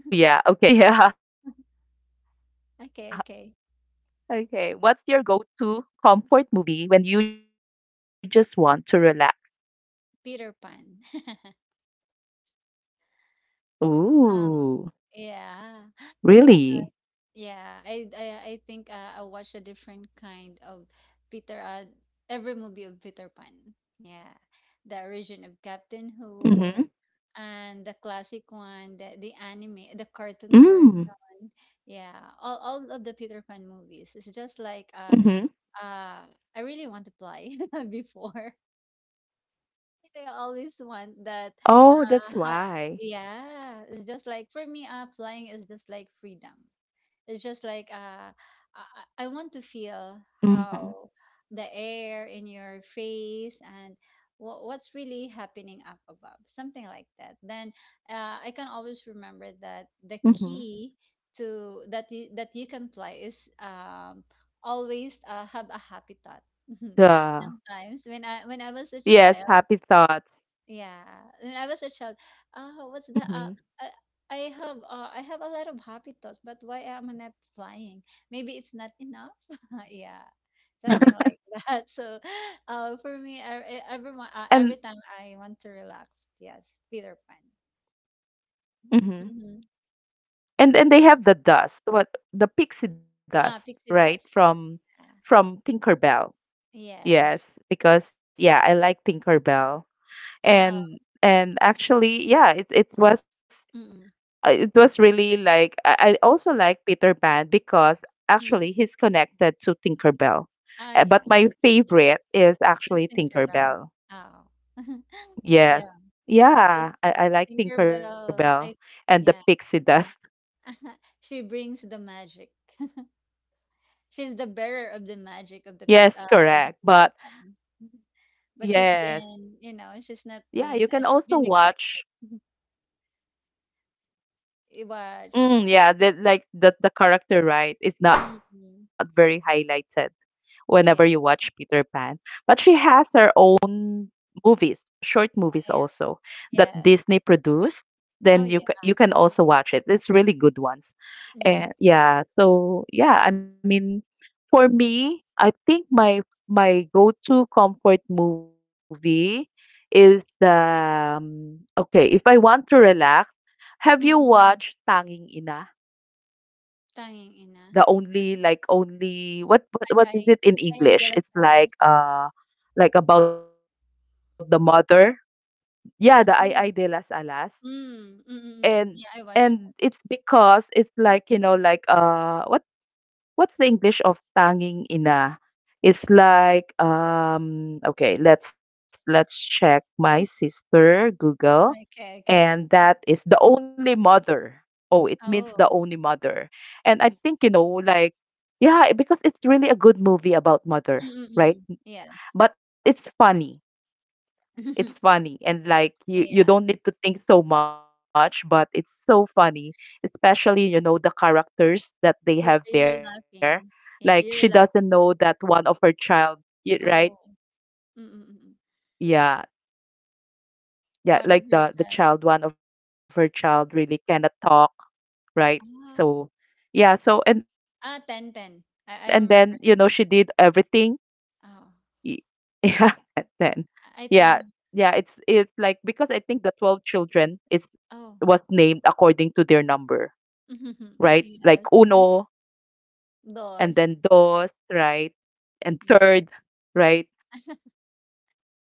[SPEAKER 1] What's your go-to? [LAUGHS] Yeah.
[SPEAKER 2] Okay, okay.
[SPEAKER 1] Okay. What's your go-to comfort movie when you just want to relax?
[SPEAKER 2] Peter Pan. [LAUGHS] Um,
[SPEAKER 1] Ooh.
[SPEAKER 2] yeah.
[SPEAKER 1] Really?
[SPEAKER 2] Yeah, I think, I watched a different kind of Peter every movie of Peter Pan. Yeah. The origin of Captain Who,
[SPEAKER 1] Mhm.
[SPEAKER 2] and the classic one, the anime, the
[SPEAKER 1] Mm.
[SPEAKER 2] cartoon version. Yeah, all of the Peter Pan movies. It's just like,
[SPEAKER 1] Mhm.
[SPEAKER 2] uh I really want to play [LAUGHS] before. I always want that,
[SPEAKER 1] Oh, that's
[SPEAKER 2] how,
[SPEAKER 1] why.
[SPEAKER 2] yeah, it's just like, for me, flying is just like freedom. It's just like, I, I want to feel
[SPEAKER 1] Mhm.
[SPEAKER 2] how the air in your face, and what's really happening up above, something like that. Then, I can always remember that the
[SPEAKER 1] Mhm.
[SPEAKER 2] key to that you can play is, um, always, have a happy thought. [LAUGHS]
[SPEAKER 1] Duh.
[SPEAKER 2] Sometimes when I was a
[SPEAKER 1] Yes,
[SPEAKER 2] child.
[SPEAKER 1] happy thoughts.
[SPEAKER 2] Yeah, when I was a child, what's the,
[SPEAKER 1] Mhm.
[SPEAKER 2] I have, I have a lot of happy thoughts, but why am I not flying? Maybe it's not enough. [LAUGHS] Yeah, something like [LAUGHS] that. So, for me,
[SPEAKER 1] And
[SPEAKER 2] every time I want to relax, yes, Peter Pan.
[SPEAKER 1] Mhm.
[SPEAKER 2] Mm-hmm.
[SPEAKER 1] And they have the dust, what the pixie dust,
[SPEAKER 2] Ah,
[SPEAKER 1] right?
[SPEAKER 2] pixie dust.
[SPEAKER 1] From
[SPEAKER 2] Yeah.
[SPEAKER 1] Tinkerbell. Yes,
[SPEAKER 2] Yes.
[SPEAKER 1] because yeah, I like Tinkerbell.
[SPEAKER 2] Oh.
[SPEAKER 1] And actually, yeah, it
[SPEAKER 2] Mm.
[SPEAKER 1] it was really like I also like Peter Pan because actually
[SPEAKER 2] Mm.
[SPEAKER 1] he's connected to Tinkerbell.
[SPEAKER 2] Ah,
[SPEAKER 1] But
[SPEAKER 2] yeah.
[SPEAKER 1] my favorite is
[SPEAKER 2] Just
[SPEAKER 1] actually
[SPEAKER 2] Tinkerbell.
[SPEAKER 1] Tinkerbell.
[SPEAKER 2] Oh. [LAUGHS] Yeah,
[SPEAKER 1] Yes.
[SPEAKER 2] because
[SPEAKER 1] Yeah, I like
[SPEAKER 2] Tinkerbell.
[SPEAKER 1] Tinkerbell
[SPEAKER 2] I.
[SPEAKER 1] and the
[SPEAKER 2] Yeah.
[SPEAKER 1] pixie dust. [LAUGHS]
[SPEAKER 2] [LAUGHS] She brings the magic. [LAUGHS] She's the bearer of the magic of the
[SPEAKER 1] Yes, correct.
[SPEAKER 2] Peter
[SPEAKER 1] But
[SPEAKER 2] Pan. [LAUGHS] But she's
[SPEAKER 1] yes.
[SPEAKER 2] been, you know, she's not been,
[SPEAKER 1] Yeah, you
[SPEAKER 2] she's
[SPEAKER 1] can
[SPEAKER 2] been
[SPEAKER 1] also
[SPEAKER 2] neglected.
[SPEAKER 1] watch
[SPEAKER 2] [LAUGHS] You watch.
[SPEAKER 1] mm, yeah, the, like the character right is not
[SPEAKER 2] Mm-hmm.
[SPEAKER 1] very highlighted whenever you
[SPEAKER 2] Yeah,
[SPEAKER 1] watch Peter Pan. But she has her own movies, short movies
[SPEAKER 2] yeah,
[SPEAKER 1] also that
[SPEAKER 2] yeah.
[SPEAKER 1] Disney produced.
[SPEAKER 2] Oh,
[SPEAKER 1] Then
[SPEAKER 2] yeah,
[SPEAKER 1] you can also watch it. It's really good ones.
[SPEAKER 2] yeah.
[SPEAKER 1] And yeah, so yeah, I mean, for me, I think my go-to comfort movie is the okay, if I want to relax, have you
[SPEAKER 2] Mm-hmm.
[SPEAKER 1] watched Tanging Ina?
[SPEAKER 2] Tanging ina.
[SPEAKER 1] The only like only
[SPEAKER 2] I, I,
[SPEAKER 1] what is it in
[SPEAKER 2] I de las
[SPEAKER 1] English? It's
[SPEAKER 2] alas.
[SPEAKER 1] like about the mother. Yeah, the Ay Ay de las
[SPEAKER 2] Mm.
[SPEAKER 1] Alas.
[SPEAKER 2] Mm, mm, mm, mm, mm. Yeah,
[SPEAKER 1] And
[SPEAKER 2] I
[SPEAKER 1] it's
[SPEAKER 2] watched
[SPEAKER 1] because it's like, you know, like what what's the English of tanging ina? It's like okay, let's check my sister Google
[SPEAKER 2] that. Okay,
[SPEAKER 1] and
[SPEAKER 2] okay.
[SPEAKER 1] that is The Only Mother. Oh, it means The
[SPEAKER 2] Oh.
[SPEAKER 1] Only Mother. And I think, you know, like, yeah, because it's really a good movie
[SPEAKER 2] Mm, mm,
[SPEAKER 1] about
[SPEAKER 2] mm, mm.
[SPEAKER 1] mother,
[SPEAKER 2] Yeah.
[SPEAKER 1] right? But it's funny.
[SPEAKER 2] [LAUGHS]
[SPEAKER 1] It's funny. And
[SPEAKER 2] Yeah.
[SPEAKER 1] like you don't need to think so much, but it's so funny, especially, you know, the characters that
[SPEAKER 2] You're
[SPEAKER 1] they have
[SPEAKER 2] laughing.
[SPEAKER 1] there.
[SPEAKER 2] Yeah, you're
[SPEAKER 1] Like she
[SPEAKER 2] laughing.
[SPEAKER 1] doesn't know that one of her child,
[SPEAKER 2] Oh,
[SPEAKER 1] right?
[SPEAKER 2] mm, mm, mm, mm.
[SPEAKER 1] Yeah.
[SPEAKER 2] One of her
[SPEAKER 1] Yeah,
[SPEAKER 2] child.
[SPEAKER 1] like the child, one of her child really cannot talk,
[SPEAKER 2] Ah,
[SPEAKER 1] right. So
[SPEAKER 2] ah,
[SPEAKER 1] yeah,
[SPEAKER 2] 10
[SPEAKER 1] so
[SPEAKER 2] 10.
[SPEAKER 1] and
[SPEAKER 2] I
[SPEAKER 1] then you know
[SPEAKER 2] remember it
[SPEAKER 1] she did
[SPEAKER 2] now.
[SPEAKER 1] everything.
[SPEAKER 2] Oh,
[SPEAKER 1] Y- [LAUGHS] Yeah, and then
[SPEAKER 2] I think,
[SPEAKER 1] yeah, yeah, it's like because I think the 12 children
[SPEAKER 2] oh,
[SPEAKER 1] is was named according to their number,
[SPEAKER 2] [LAUGHS] yes,
[SPEAKER 1] right? Like uno
[SPEAKER 2] those.
[SPEAKER 1] and then dos, right?
[SPEAKER 2] Yeah,
[SPEAKER 1] And third, right?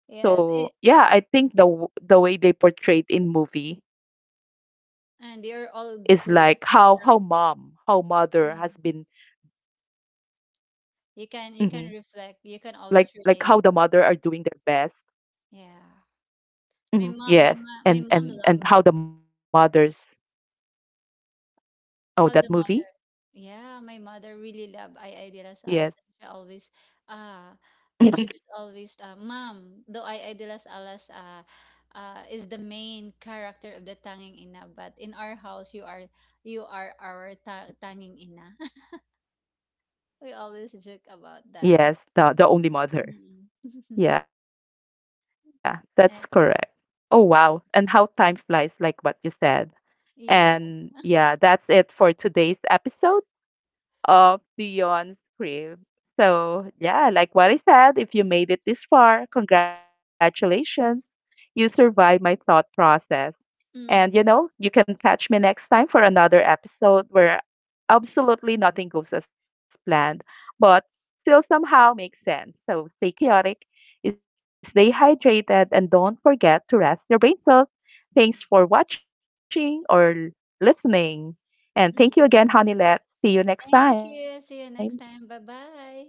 [SPEAKER 2] yes. It,
[SPEAKER 1] So yeah, I think the way they portrayed in movie is
[SPEAKER 2] and they're
[SPEAKER 1] like
[SPEAKER 2] all
[SPEAKER 1] how
[SPEAKER 2] good.
[SPEAKER 1] how mother has been
[SPEAKER 2] Oh,
[SPEAKER 1] mm-hmm,
[SPEAKER 2] you can reflect. You can
[SPEAKER 1] like
[SPEAKER 2] always
[SPEAKER 1] how
[SPEAKER 2] relate.
[SPEAKER 1] the mother are doing their best.
[SPEAKER 2] Yeah.
[SPEAKER 1] Mm-hmm.
[SPEAKER 2] My
[SPEAKER 1] Yes.
[SPEAKER 2] mom loved her.
[SPEAKER 1] And how the mothers
[SPEAKER 2] How the mother.
[SPEAKER 1] oh that movie?
[SPEAKER 2] Yeah, my mother really loved I Idea Salas. And she always,
[SPEAKER 1] Yes.
[SPEAKER 2] uh, she was always,
[SPEAKER 1] [LAUGHS]
[SPEAKER 2] mom though I de las alas, is the main character of the tanging ina, but in our house, you are our tanging ina. [LAUGHS] We always joke about that with
[SPEAKER 1] Yes,
[SPEAKER 2] her.
[SPEAKER 1] the only
[SPEAKER 2] Mm.
[SPEAKER 1] mother.
[SPEAKER 2] [LAUGHS]
[SPEAKER 1] Yeah, that's correct.
[SPEAKER 2] Eh,
[SPEAKER 1] Oh wow. And how time flies like what you said.
[SPEAKER 2] yeah,
[SPEAKER 1] And yeah, that's it for today's episode of Dion's crib. So, yeah, like what I said, if you made it this far, congratulations. You survived my thought process.
[SPEAKER 2] mm,
[SPEAKER 1] And, you know, you can catch me next time for another episode where absolutely nothing goes as planned, but still somehow makes sense. So, stay chaotic, stay hydrated, and don't forget to rest your brain cells. Thanks for watching or listening.
[SPEAKER 2] mm.
[SPEAKER 1] And thank you again, Honey. Honeylette.
[SPEAKER 2] Thank
[SPEAKER 1] See
[SPEAKER 2] you,
[SPEAKER 1] you
[SPEAKER 2] see you
[SPEAKER 1] next
[SPEAKER 2] next
[SPEAKER 1] time.
[SPEAKER 2] time, bye bye.